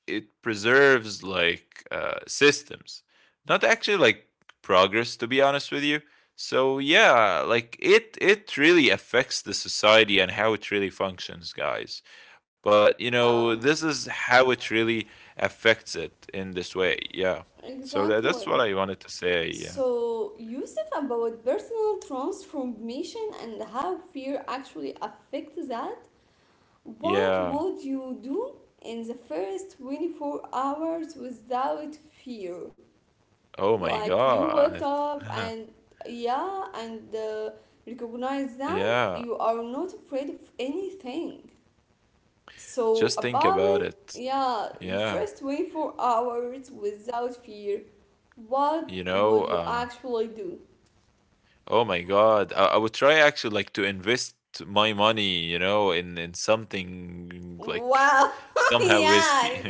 B: it preserves like systems, not actually like progress. To be honest with you, so yeah, like it really affects the society and how it really functions, guys. But you know,
A: Yeah.
B: this is how it really affects it in this way. Yeah. So that's
A: Exactly.
B: what I wanted to say. Yeah.
A: So, Yusuf, about personal transformation and how fear actually affects that, what
B: Yeah.
A: would you do in the first 24 hours without fear?
B: Oh my
A: Like, you waked
B: God.
A: up
B: *laughs*
A: and yeah, and recognize that
B: yeah.
A: you are not afraid of anything. So
B: Just think
A: about
B: about
A: it,
B: it.
A: yeah, your
B: Yeah.
A: first 24 hours without fear, what
B: You know,
A: would you actually do?
B: oh my God. I would try actually like to invest my money, you know, in something like
A: Wow, *laughs*
B: somehow
A: yeah,
B: risky.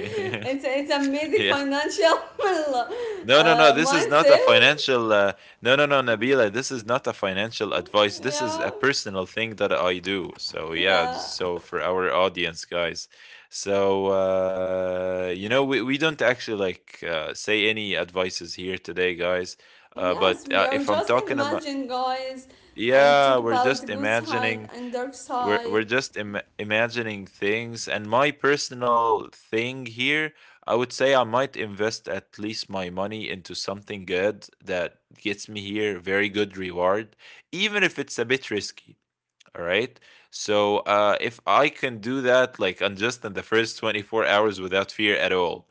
A: it's
B: *laughs*
A: amazing
B: Yeah.
A: financial *laughs*
B: No, no, no. This is not a
A: mindset.
B: financial no, no, no, Nabila. This is not a financial advice. This is a
A: Yeah,
B: personal thing that I do. So yeah,
A: yeah,
B: so for our audience, guys. So you know, we don't actually like say any advices here today, guys.
A: yes,
B: But
A: we are
B: if I'm
A: just
B: talking about,
A: imagine guys and
B: yeah,
A: talk
B: we're
A: about the
B: just
A: good side
B: imagining.
A: and dark
B: We're
A: side.
B: just imagining things, and my personal thing here, I would say I might invest at least my money into something good that gets me here very good reward, even if it's a bit risky, all right? So if I can do that, like on just in the first 24 hours without fear at all,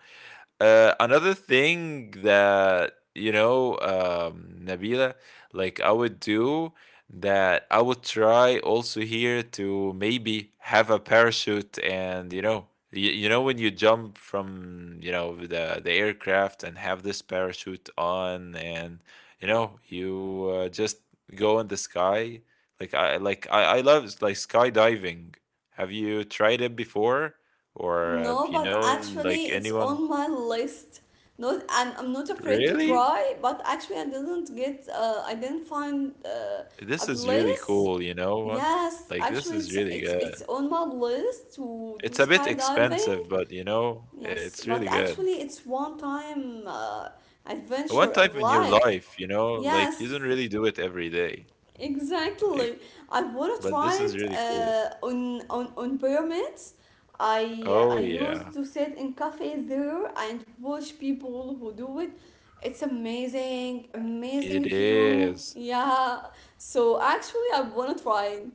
B: another thing that, you know, Nabila, like I would do, that I would try also here to maybe have a parachute, and you know, you know when you jump from, you know, the aircraft and have this parachute on, and you know, you just go in the sky. Like I love like skydiving. Have you tried it before or
A: No,
B: have you
A: but
B: known like
A: actually, it's
B: anyone?
A: on my list. Not, and I'm not afraid to
B: Really?
A: try. But actually, I didn't get. I didn't find a
B: This is really
A: place.
B: cool, you know what?
A: Yes,
B: Like, this
A: actually,
B: is
A: it's
B: really
A: it's it's
B: good.
A: on my list to do
B: It's a bit
A: skydiving.
B: expensive, but you know,
A: Yes,
B: it's
A: but
B: really good.
A: actually, it's one time
B: One
A: adventure in
B: time in your
A: life.
B: life, you know, like you don't
A: Yes,
B: really do it every day.
A: exactly.
B: Like,
A: I want to
B: but
A: try
B: this is
A: it
B: really cool.
A: on, on pyramids. I
B: Oh
A: I
B: yeah,
A: used to sit in cafes there and watch people who do it. It's amazing,
B: it
A: amazing view.
B: is.
A: Yeah. So actually, I want to try it.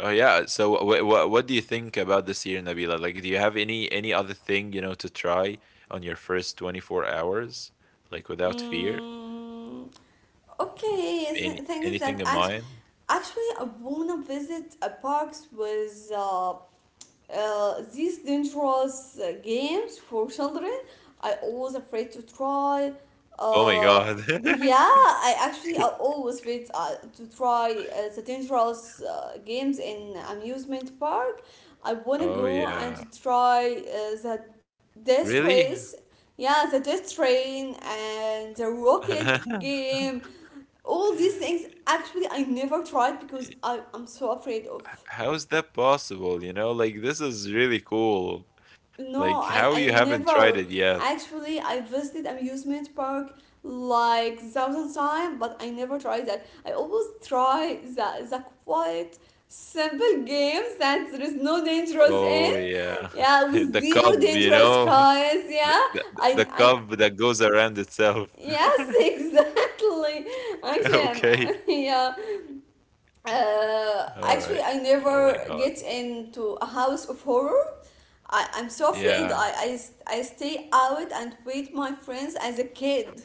B: Oh yeah. So what do you think about this year, Nabila? Like, do you have any other thing, you know, to try on your first 24 hours, like without fear?
A: Mm,
B: Mm.
A: okay.
B: Any anything in mind?
A: Actually, I wanna visit a parks with these dangerous games for children. I always afraid to try
B: Oh my
A: uh,
B: God. *laughs*
A: yeah I actually I always afraid to try the dangerous games in amusement park. I want to
B: Oh
A: go and
B: yeah.
A: to try the death
B: Really?
A: race, yeah, the death train and the rocket
B: *laughs* H-
A: game. All these things actually I never tried because I'm so afraid of.
B: How is that possible? You know, like this is really cool.
A: No,
B: Like how you
A: I
B: haven't tried it
A: never.
B: yet?
A: Actually, I visited amusement park like thousand times, but I never tried that. I always try the quiet, simple games that there is no dangerous
B: Oh
A: in.
B: yeah.
A: Yeah,
B: *laughs*
A: with
B: The
A: zero
B: cup, you
A: dangerous
B: know,
A: cars.
B: the,
A: Yeah,
B: the
A: I
B: cup that goes around itself.
A: yes, *laughs*
B: *laughs*
A: exactly. Actually,
B: Okay.
A: I'm, *laughs* yeah,
B: All
A: actually
B: right.
A: I
B: Oh my
A: never
B: God.
A: get into a house of horror. I'm so afraid.
B: Yeah.
A: I stay out and with my friends as a kid,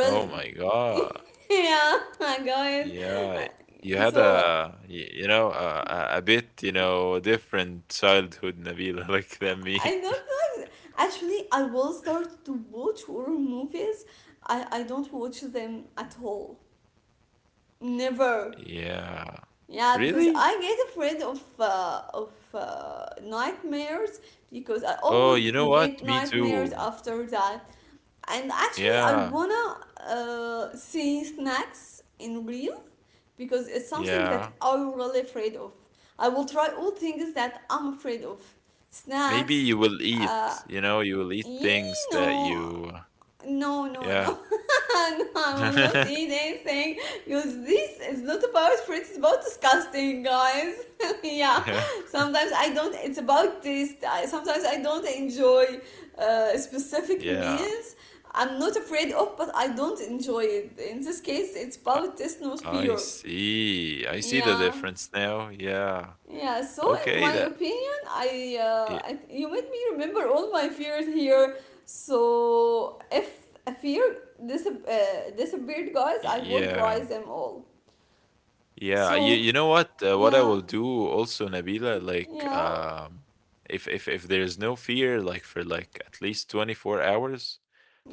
B: Oh my god.
A: *laughs* Yeah my god.
B: Yeah. You had
A: So
B: a you know a bit you know different childhood, Nabila, *laughs* like than
A: I
B: me.
A: don't
B: *laughs*
A: know, actually I will start to watch horror movies. I don't watch them at all, never.
B: Yeah.
A: Yeah, because
B: Really?
A: I get afraid of nightmares because I
B: Oh, you
A: always
B: know *laughs* what?
A: get
B: Me
A: nightmares
B: too.
A: after that. And actually, I
B: Yeah.
A: wanna see snacks in real because it's something that
B: Yeah.
A: I'm really afraid of. I will try all things that I'm afraid of.
B: Maybe
A: Snacks,
B: you will
A: uh,
B: eat, you know, you will eat
A: you
B: things that
A: know,
B: you,
A: no, no, no. *laughs*
B: yeah.
A: No, I will not eat
B: *laughs*
A: anything because this is not about fruits, it's about disgusting, guys. *laughs* Yeah,
B: Yeah.
A: sometimes I don't, it's about taste. Sometimes I don't enjoy specific
B: Yeah.
A: meals. I'm not afraid of, but I don't enjoy it. In this case, it's
B: I,
A: about taste, not
B: I
A: fear.
B: see. I see the
A: Yeah.
B: difference now. Yeah.
A: Yeah, so in
B: Okay,
A: my opinion,
B: y-
A: I you made me remember all my fears here. So if a fear disappeared, guys, I would
B: yeah.
A: rise them all.
B: Yeah, you
A: So
B: you know what? What I
A: yeah,
B: will do also, Nabila, like
A: yeah,
B: if there's no fear, like for like at least 24 hours,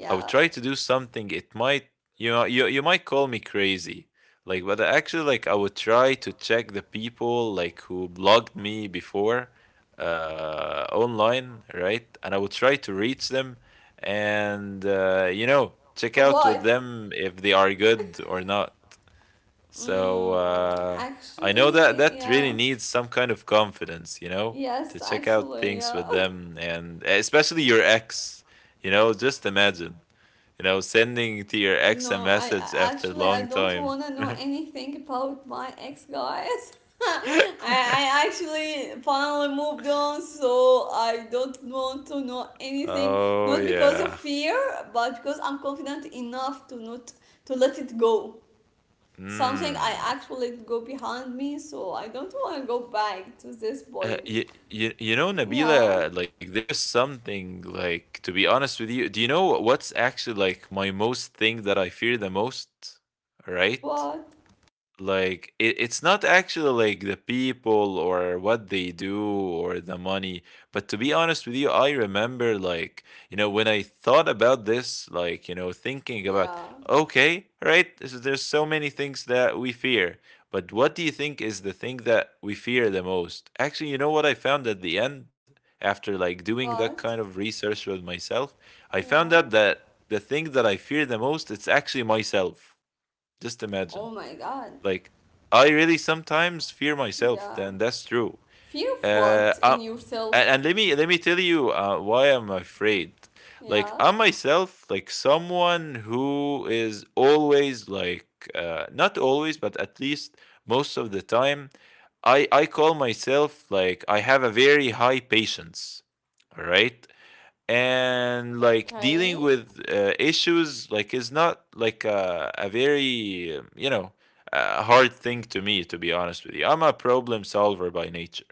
B: I would try to do something. It might, you might call me crazy, like, but actually, like I would try to check the people like who blogged me before, online, right? And I would try to reach them, and check out with
A: Why?
B: them if they are good or not. So
A: Mm,
B: I know that
A: actually,
B: that really
A: yeah.
B: needs some kind of confidence, you know, to
A: Yes,
B: check out
A: actually,
B: things with
A: yeah. *laughs*
B: them, and especially your ex. Just imagine sending to your ex a
A: No,
B: message after a
A: actually I
B: long
A: don't
B: time.
A: wanna know
B: *laughs*
A: anything about my ex guys. *laughs* I actually finally moved on, so I don't want to know anything.
B: Oh
A: Not because of
B: yeah.
A: fear, but because I'm confident enough to not to let it go. Something I
B: Mm.
A: actually let go behind me, so I don't wanna go back to this
B: Uh,
A: point.
B: you, you, you know,
A: Yeah.
B: Nabila, like there's something like to be honest with you, do you know what's actually like my most thing that I fear the most? Right?
A: What?
B: It's not actually like the people or what they do or the money, but to be honest with you, I remember like, you know, when I thought about this, like, you know, thinking about,
A: Yeah.
B: okay, right, there's so many things that we fear, but what do you think is the thing that we fear the most? Actually, you know what I found at the end, after like doing that kind
A: What?
B: of research with myself, I found
A: Yeah.
B: out that the thing that I fear the most, it's actually myself. Just imagine,
A: Oh my god.
B: like I really sometimes fear myself.
A: Yeah.
B: Then that's true.
A: Fear of
B: Uh,
A: what
B: uh
A: in
B: and,
A: yourself?
B: and let me tell you why I'm afraid. Like
A: Yeah.
B: I'm myself, like someone who is always like, not always, but at least most of the time, I call myself like I have a very high patience. All right, and like
A: Okay.
B: dealing with issues like is not like a very you know, a hard thing to me. To be honest with you, I'm a problem solver by nature.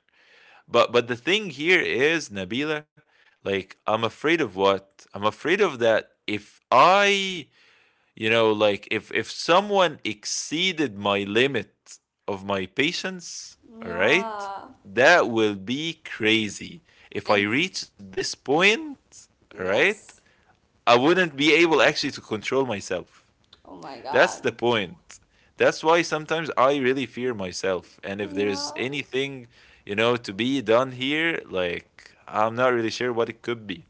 B: But the thing here is, Nabila, like I'm afraid of what I'm afraid of, that if I, you know, like if someone exceeded my limit of my patience, all right,
A: Yeah.
B: that will be crazy. If I
A: And
B: reach this point, all right,
A: yes.
B: I wouldn't be able actually to control myself.
A: Oh my
B: That's
A: god.
B: the point. That's why sometimes I really fear myself, and if there's
A: Yeah.
B: anything, you know, to be done here, like I'm not really sure what it could be.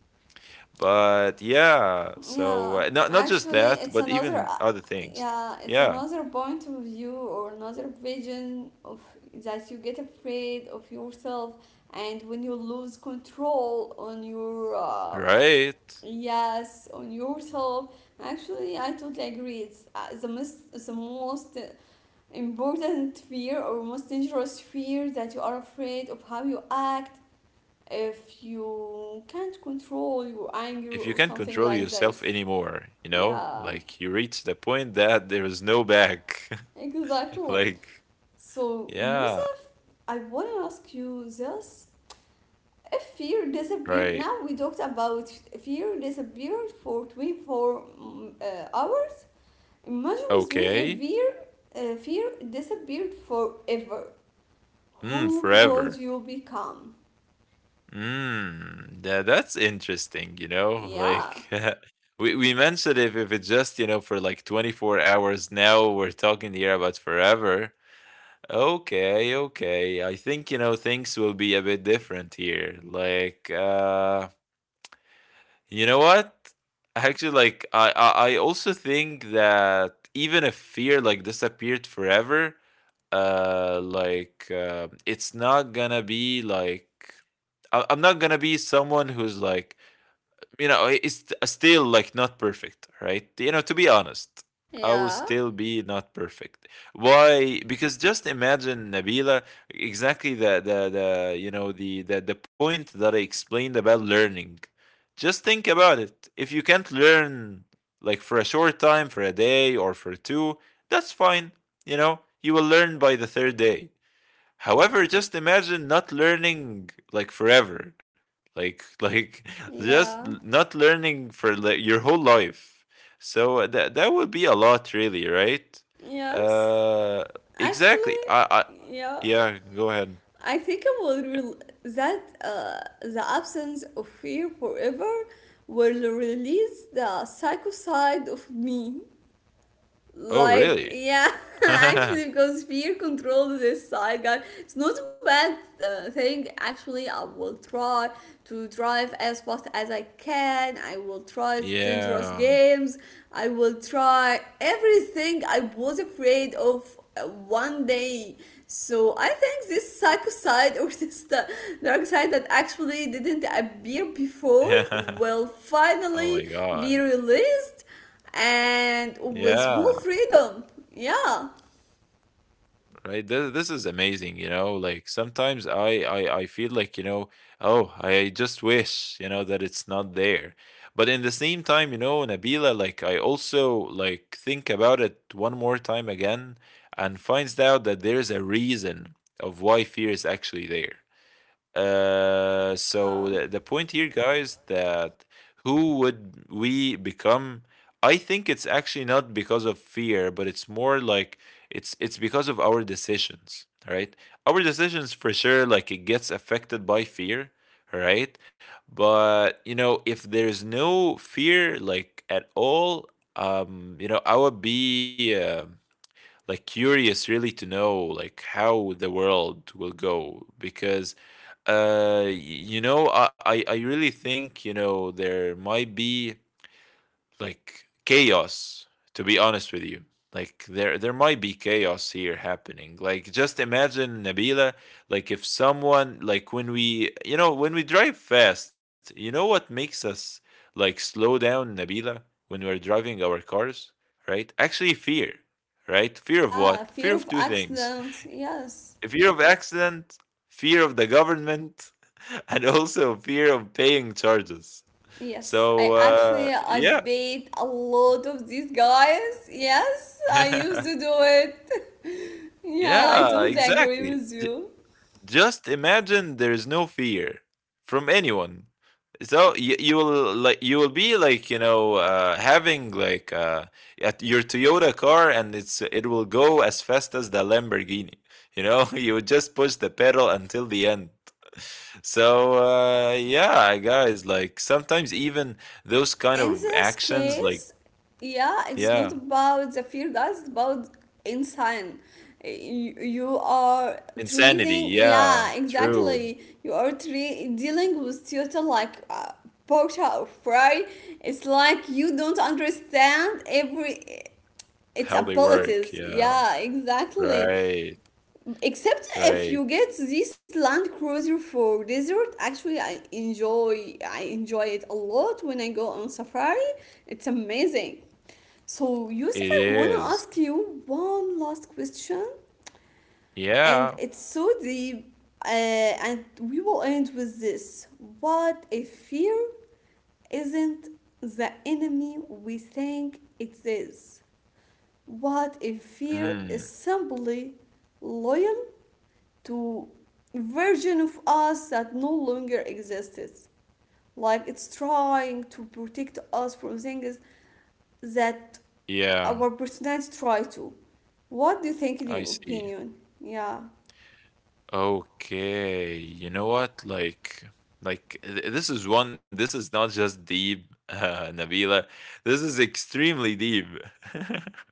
B: But yeah, so
A: Yeah.
B: not just
A: Actually,
B: that,
A: it's
B: but
A: another.
B: even other things.
A: Yeah, it's
B: Yeah,
A: another point of view or another vision of that you get afraid of yourself, and when you lose control on your
B: right.
A: yes on yourself. Actually, I totally agree. It's the most important fear or most dangerous fear that you are afraid of how you act if you can't control your anger
B: If you
A: or
B: can't
A: something
B: control
A: like
B: yourself
A: this.
B: anymore, you know,
A: Yeah,
B: like you reach the point that there is no back. *laughs*
A: exactly.
B: Like,
A: So,
B: yeah,
A: Yusuf, I want to ask you this. If fear
B: right.
A: disappeared, now we talked about fear disappeared for 24 hours. Imagine with me if
B: Okay.
A: fear, fear disappeared forever.
B: Mm,
A: Who would
B: forever.
A: you become?
B: Mm, that that's interesting, you know?
A: Yeah.
B: Like *laughs* we mentioned if it's just, you know, for like 24 hours, now we're talking here about forever. Okay, okay. I think, you know, things will be a bit different here. Like, you know what? Actually, like, I also think that even if fear, like, disappeared forever, it's not gonna be like, I'm not gonna be someone who's like, you know, it's still like not perfect, right? You know, to be honest, I will
A: Yeah.
B: still be not perfect. Why? Because just imagine, Nabila, exactly the you know the point that I explained about learning. Just think about it. If you can't learn like for a short time, for a day or for two, that's fine. You know, you will learn by the third day. However, just imagine not learning like forever. Like *laughs* like just
A: Yeah.
B: not learning for like, your whole life. So that that would be a lot really, right?
A: Yes.
B: Uh exactly.
A: Actually,
B: I
A: yeah.
B: Yeah, go ahead.
A: I think I will that the absence of fear forever will release the psycho side of me.
B: Oh,
A: Like,
B: really?
A: yeah, *laughs* actually,
B: *laughs*
A: because fear controls this side, guys. It's not a bad thing. Actually, I will try to drive as fast as I can. I will try dangerous
B: Yeah.
A: games. I will try everything I was afraid of one day. So I think this psycho side or *laughs* this dark side that actually didn't appear before will
B: *laughs* Oh my
A: finally
B: god.
A: be released and with whole
B: Yeah.
A: freedom. Yeah.
B: Right, this is amazing. You know, like sometimes I feel like, you know, oh, I just wish, you know, that it's not there. But in the same time, you know, Nabila, like I also like think about it one more time again and finds out that there's a reason of why fear is actually there. So
A: Uh,
B: the point here, guys, that who would we become? I think it's actually not because of fear, but it's more like it's because of our decisions. All right? Our decisions for sure, like it gets affected by fear, all right? But you know, if there's no fear, like at all, you know, I would be like curious really to know like how the world will go, because you know, I really think, you know, there might be like chaos, to be honest with you. Like there might be chaos here happening. Like just imagine, Nabila, like if someone like when we, you know, when we drive fast, you know what makes us like slow down, Nabila, when we're driving our cars, right? Actually fear, right? Fear of
A: yeah,
B: what? Fear
A: fear
B: of
A: of
B: two things.
A: accidents. Yes.
B: Fear of accident, fear of the government, and also fear of paying charges.
A: Yes.
B: So
A: I actually I
B: yeah,
A: bait a lot of these guys. Yes, I used to
B: *laughs*
A: do it. *laughs* Yeah, I
B: yeah,
A: totally agree
B: exactly.
A: with you.
B: Just imagine there is no fear from anyone. So you will like you will be like, you know, having like at your Toyota car, and it will go as fast as the Lamborghini. You know, *laughs* you would just push the pedal until the end. *laughs* So yeah, guys, like sometimes even those kind
A: In
B: of
A: this
B: actions, like,
A: case, yeah, it's not
B: yeah.
A: about the fear guys, it's about insane. You are
B: Insanity,
A: treating,
B: yeah,
A: yeah
B: true.
A: exactly, you are dealing with tutor like porta fry. It's like you don't understand every its
B: How they work,
A: abilities,
B: yeah.
A: yeah exactly.
B: Right,
A: Except if
B: right.
A: you get this Land Cruiser for desert, actually I enjoy it a lot when I go on safari. It's amazing. So
B: It
A: Yusuf, I wanna
B: is.
A: ask you one last question, and
B: Yeah.
A: it's so deep, uh, and we will end with this. What if fear isn't the enemy we think it is? What if fear
B: Mm,
A: is simply loyal to version of us that no longer existed. Like it's trying to protect us from things that
B: yeah,
A: our personality try to. What do you think in
B: I
A: your
B: see.
A: opinion? Yeah.
B: Okay, you know what? Like th this is one, this is not just deep, *laughs* Nabila. This is extremely deep. *laughs*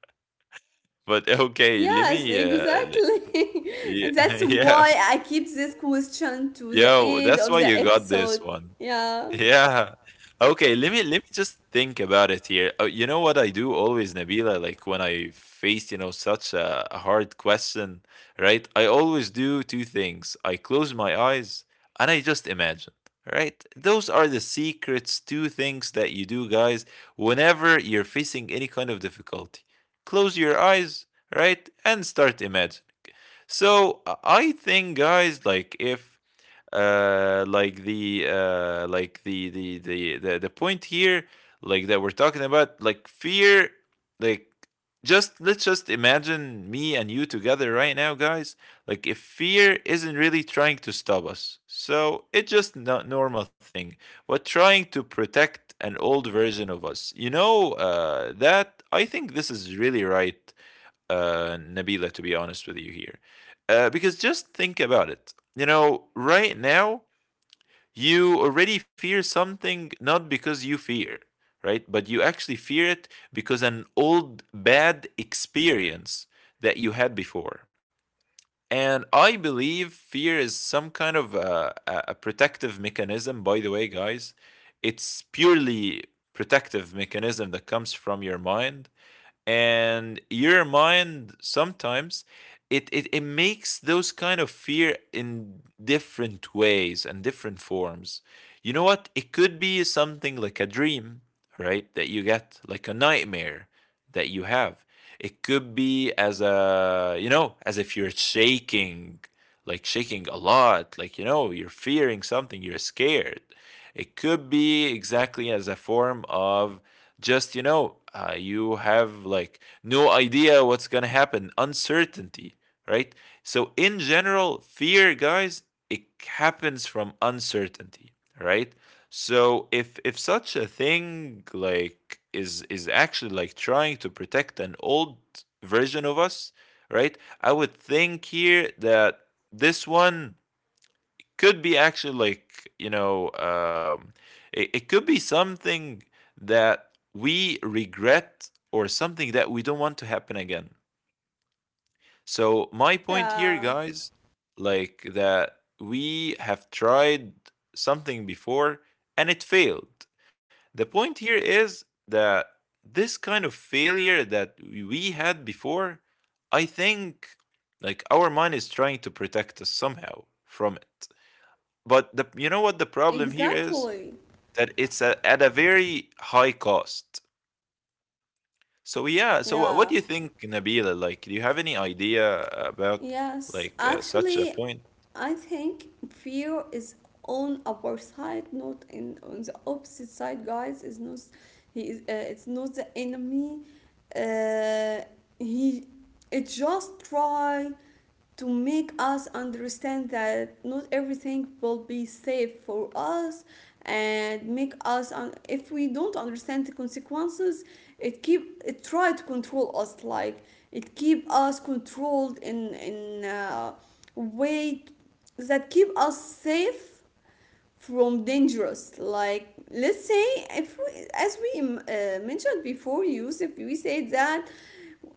B: But okay, let
A: Yes,
B: me le
A: exactly. *laughs* And
B: yeah,
A: that's
B: *laughs* yeah.
A: why I keep this question to the
B: Yo,
A: end
B: that's
A: of
B: why
A: the
B: you got
A: episode.
B: this one.
A: Yeah.
B: Yeah. Okay, let me just think about it here. You know what I do always, Nabila, like when I face, you know, such a hard question, right? I always do two things. I close my eyes and I just imagine, right? Those are the secrets, two things that you do, guys, whenever you're facing any kind of difficulty. Close your eyes, right? And start imagining. So I think, guys, like if like the like the point here, like that we're talking about, like fear, like just let's just imagine me and you together right now, guys. Like if fear isn't really trying to stop us, so it's just not normal thing, but trying to protect an old version of us. You know that I think this is really right, Nabila. To be honest with you here. Because just think about it. You know, right now, you already fear something not because you fear, right? But you actually fear it because an old bad experience that you had before. And I believe fear is some kind of a protective mechanism. By the way, guys, it's purely protective mechanism that comes from your mind, and your mind sometimes it makes those kind of fear in different ways and different forms. You know what, it could be something like a dream, right, that you get, like a nightmare that you have. It could be as a, you know, as if you're shaking, like shaking a lot, like, you know, you're fearing something, you're scared. It could be exactly as a form of just, you know, you have like no idea what's gonna happen, uncertainty, right? So in general, fear, guys, it happens from uncertainty, right? So if such a thing like is actually like trying to protect an old version of us, right, I would think here that this one could be actually like, you know, it, it could be something that we regret or something that we don't want to happen again. So my point here,
A: Yeah.
B: guys, like that we have tried something before, and it failed. The point here is that this kind of failure that we had before, I think, like our mind is trying to protect us somehow from it. But the, you know what the problem here is?
A: Exactly.
B: That it's a, at a very high cost. So yeah, so what
A: Yeah.
B: do you think, Nabila? Like, do you have any idea about
A: Yes,
B: like such a
A: actually,
B: point?
A: I think fear is on our side, not in on the opposite side, guys. Is not he is it's not the enemy. Uh, he it just try to make us understand that not everything will be safe for us and make us if we don't understand the consequences, it try to control us, like it keep us controlled in way that keep us safe from dangerous. Like let's say if we, as we mentioned before Yusuf, we said that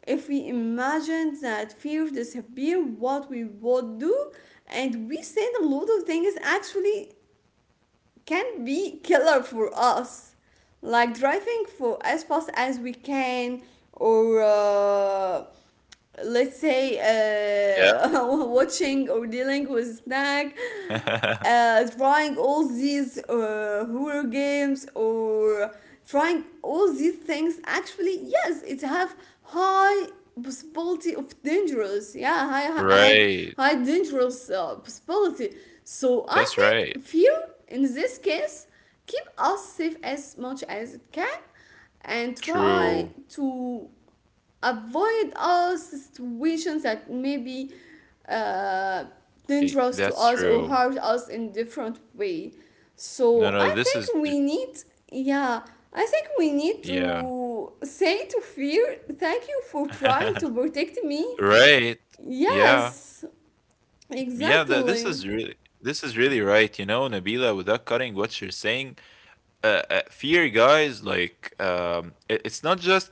A: if we imagine that fear disappear what we would do, and we said a lot of things actually can be killer for us, like driving for as fast as we can, or let's say
B: Yeah.
A: *laughs* watching or dealing with snack,
B: *laughs*
A: trying all these horror games or trying all these things. Actually yes it have high possibility of dangerous, yeah
B: Right.
A: high dangerous possibility. So I
B: That's right.
A: think fear in this case keep us safe as much as it can and try
B: True.
A: to avoid all situations that may be uh,
B: Eh,
A: dangerous to
B: that's
A: us or
B: true.
A: hurt us in different way.
B: No,
A: So
B: no,
A: I
B: this is
A: think we need, yeah I think we need
B: yeah.
A: to say to fear thank you for trying to
B: *laughs*
A: protect me.
B: Right. Yeah.
A: Yes,
B: Yeah, th
A: exactly.
B: this is really right. You know, Nabila, without cutting what you're saying, fear, guys, like it, it's not just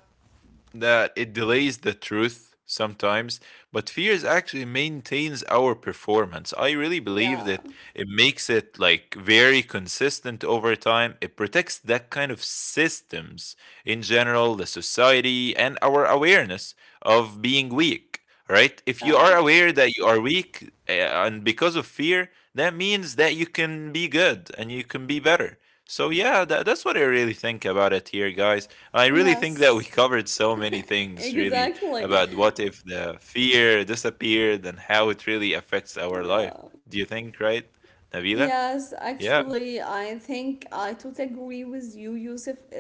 B: that it delays the truth sometimes, but fears actually maintains our performance. I really believe that
A: Yeah,
B: it makes it like very consistent over time. It protects that kind of systems in general, the society, and our awareness of being weak. Right? If you are
A: yeah,
B: aware that you are weak, and because of fear, that means that you can be good and you can be better. So, yeah, that, that's what I really think about it here, guys. I really think that we *laughs*
A: yes,
B: covered so many things, really,
A: exactly,
B: about what if the fear disappeared and how it really affects our life.
A: yeah.
B: Do you think, right, Nabila?
A: Yes,
B: Yeah.
A: actually, I think I totally agree with you, Yusuf,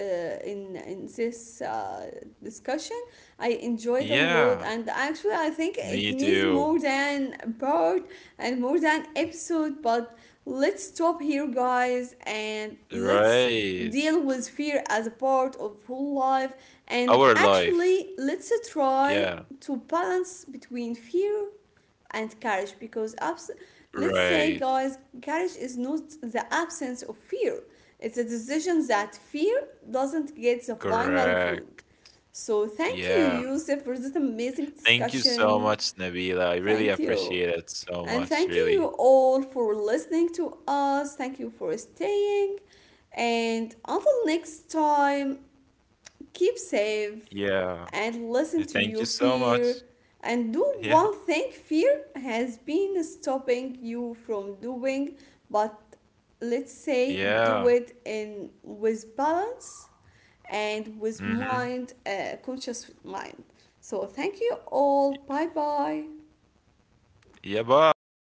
A: in this discussion. I enjoyed a lot,
B: Yeah.
A: and actually, I think it
B: Me
A: needs
B: too.
A: more than a part and more than episode. But let's stop here, guys, and let's
B: Right.
A: deal with fear as a part of whole life. And
B: Our life.
A: actually, let's try
B: Yeah.
A: to balance between fear and courage because let's say
B: Right.
A: guys courage is not the absence of fear, it's a decision that fear doesn't get the final vote.
B: Correct.
A: So thank you
B: Yeah.
A: Yusuf for this amazing
B: Thank you so
A: discussion.
B: much, Nabila. I really
A: Thank you,
B: appreciate it so
A: and
B: much,
A: thank
B: really.
A: you all for listening to us, thank you for staying, and until next time keep safe
B: Yeah.
A: and listen to
B: Thank you
A: your
B: so
A: fear
B: much.
A: and do
B: Yeah.
A: one thing fear has been stopping you from doing, but let's say do
B: Yeah.
A: it in with balance and with
B: Mm-hmm.
A: mind conscious mind. So thank you all, bye bye.
B: Yeah, bye.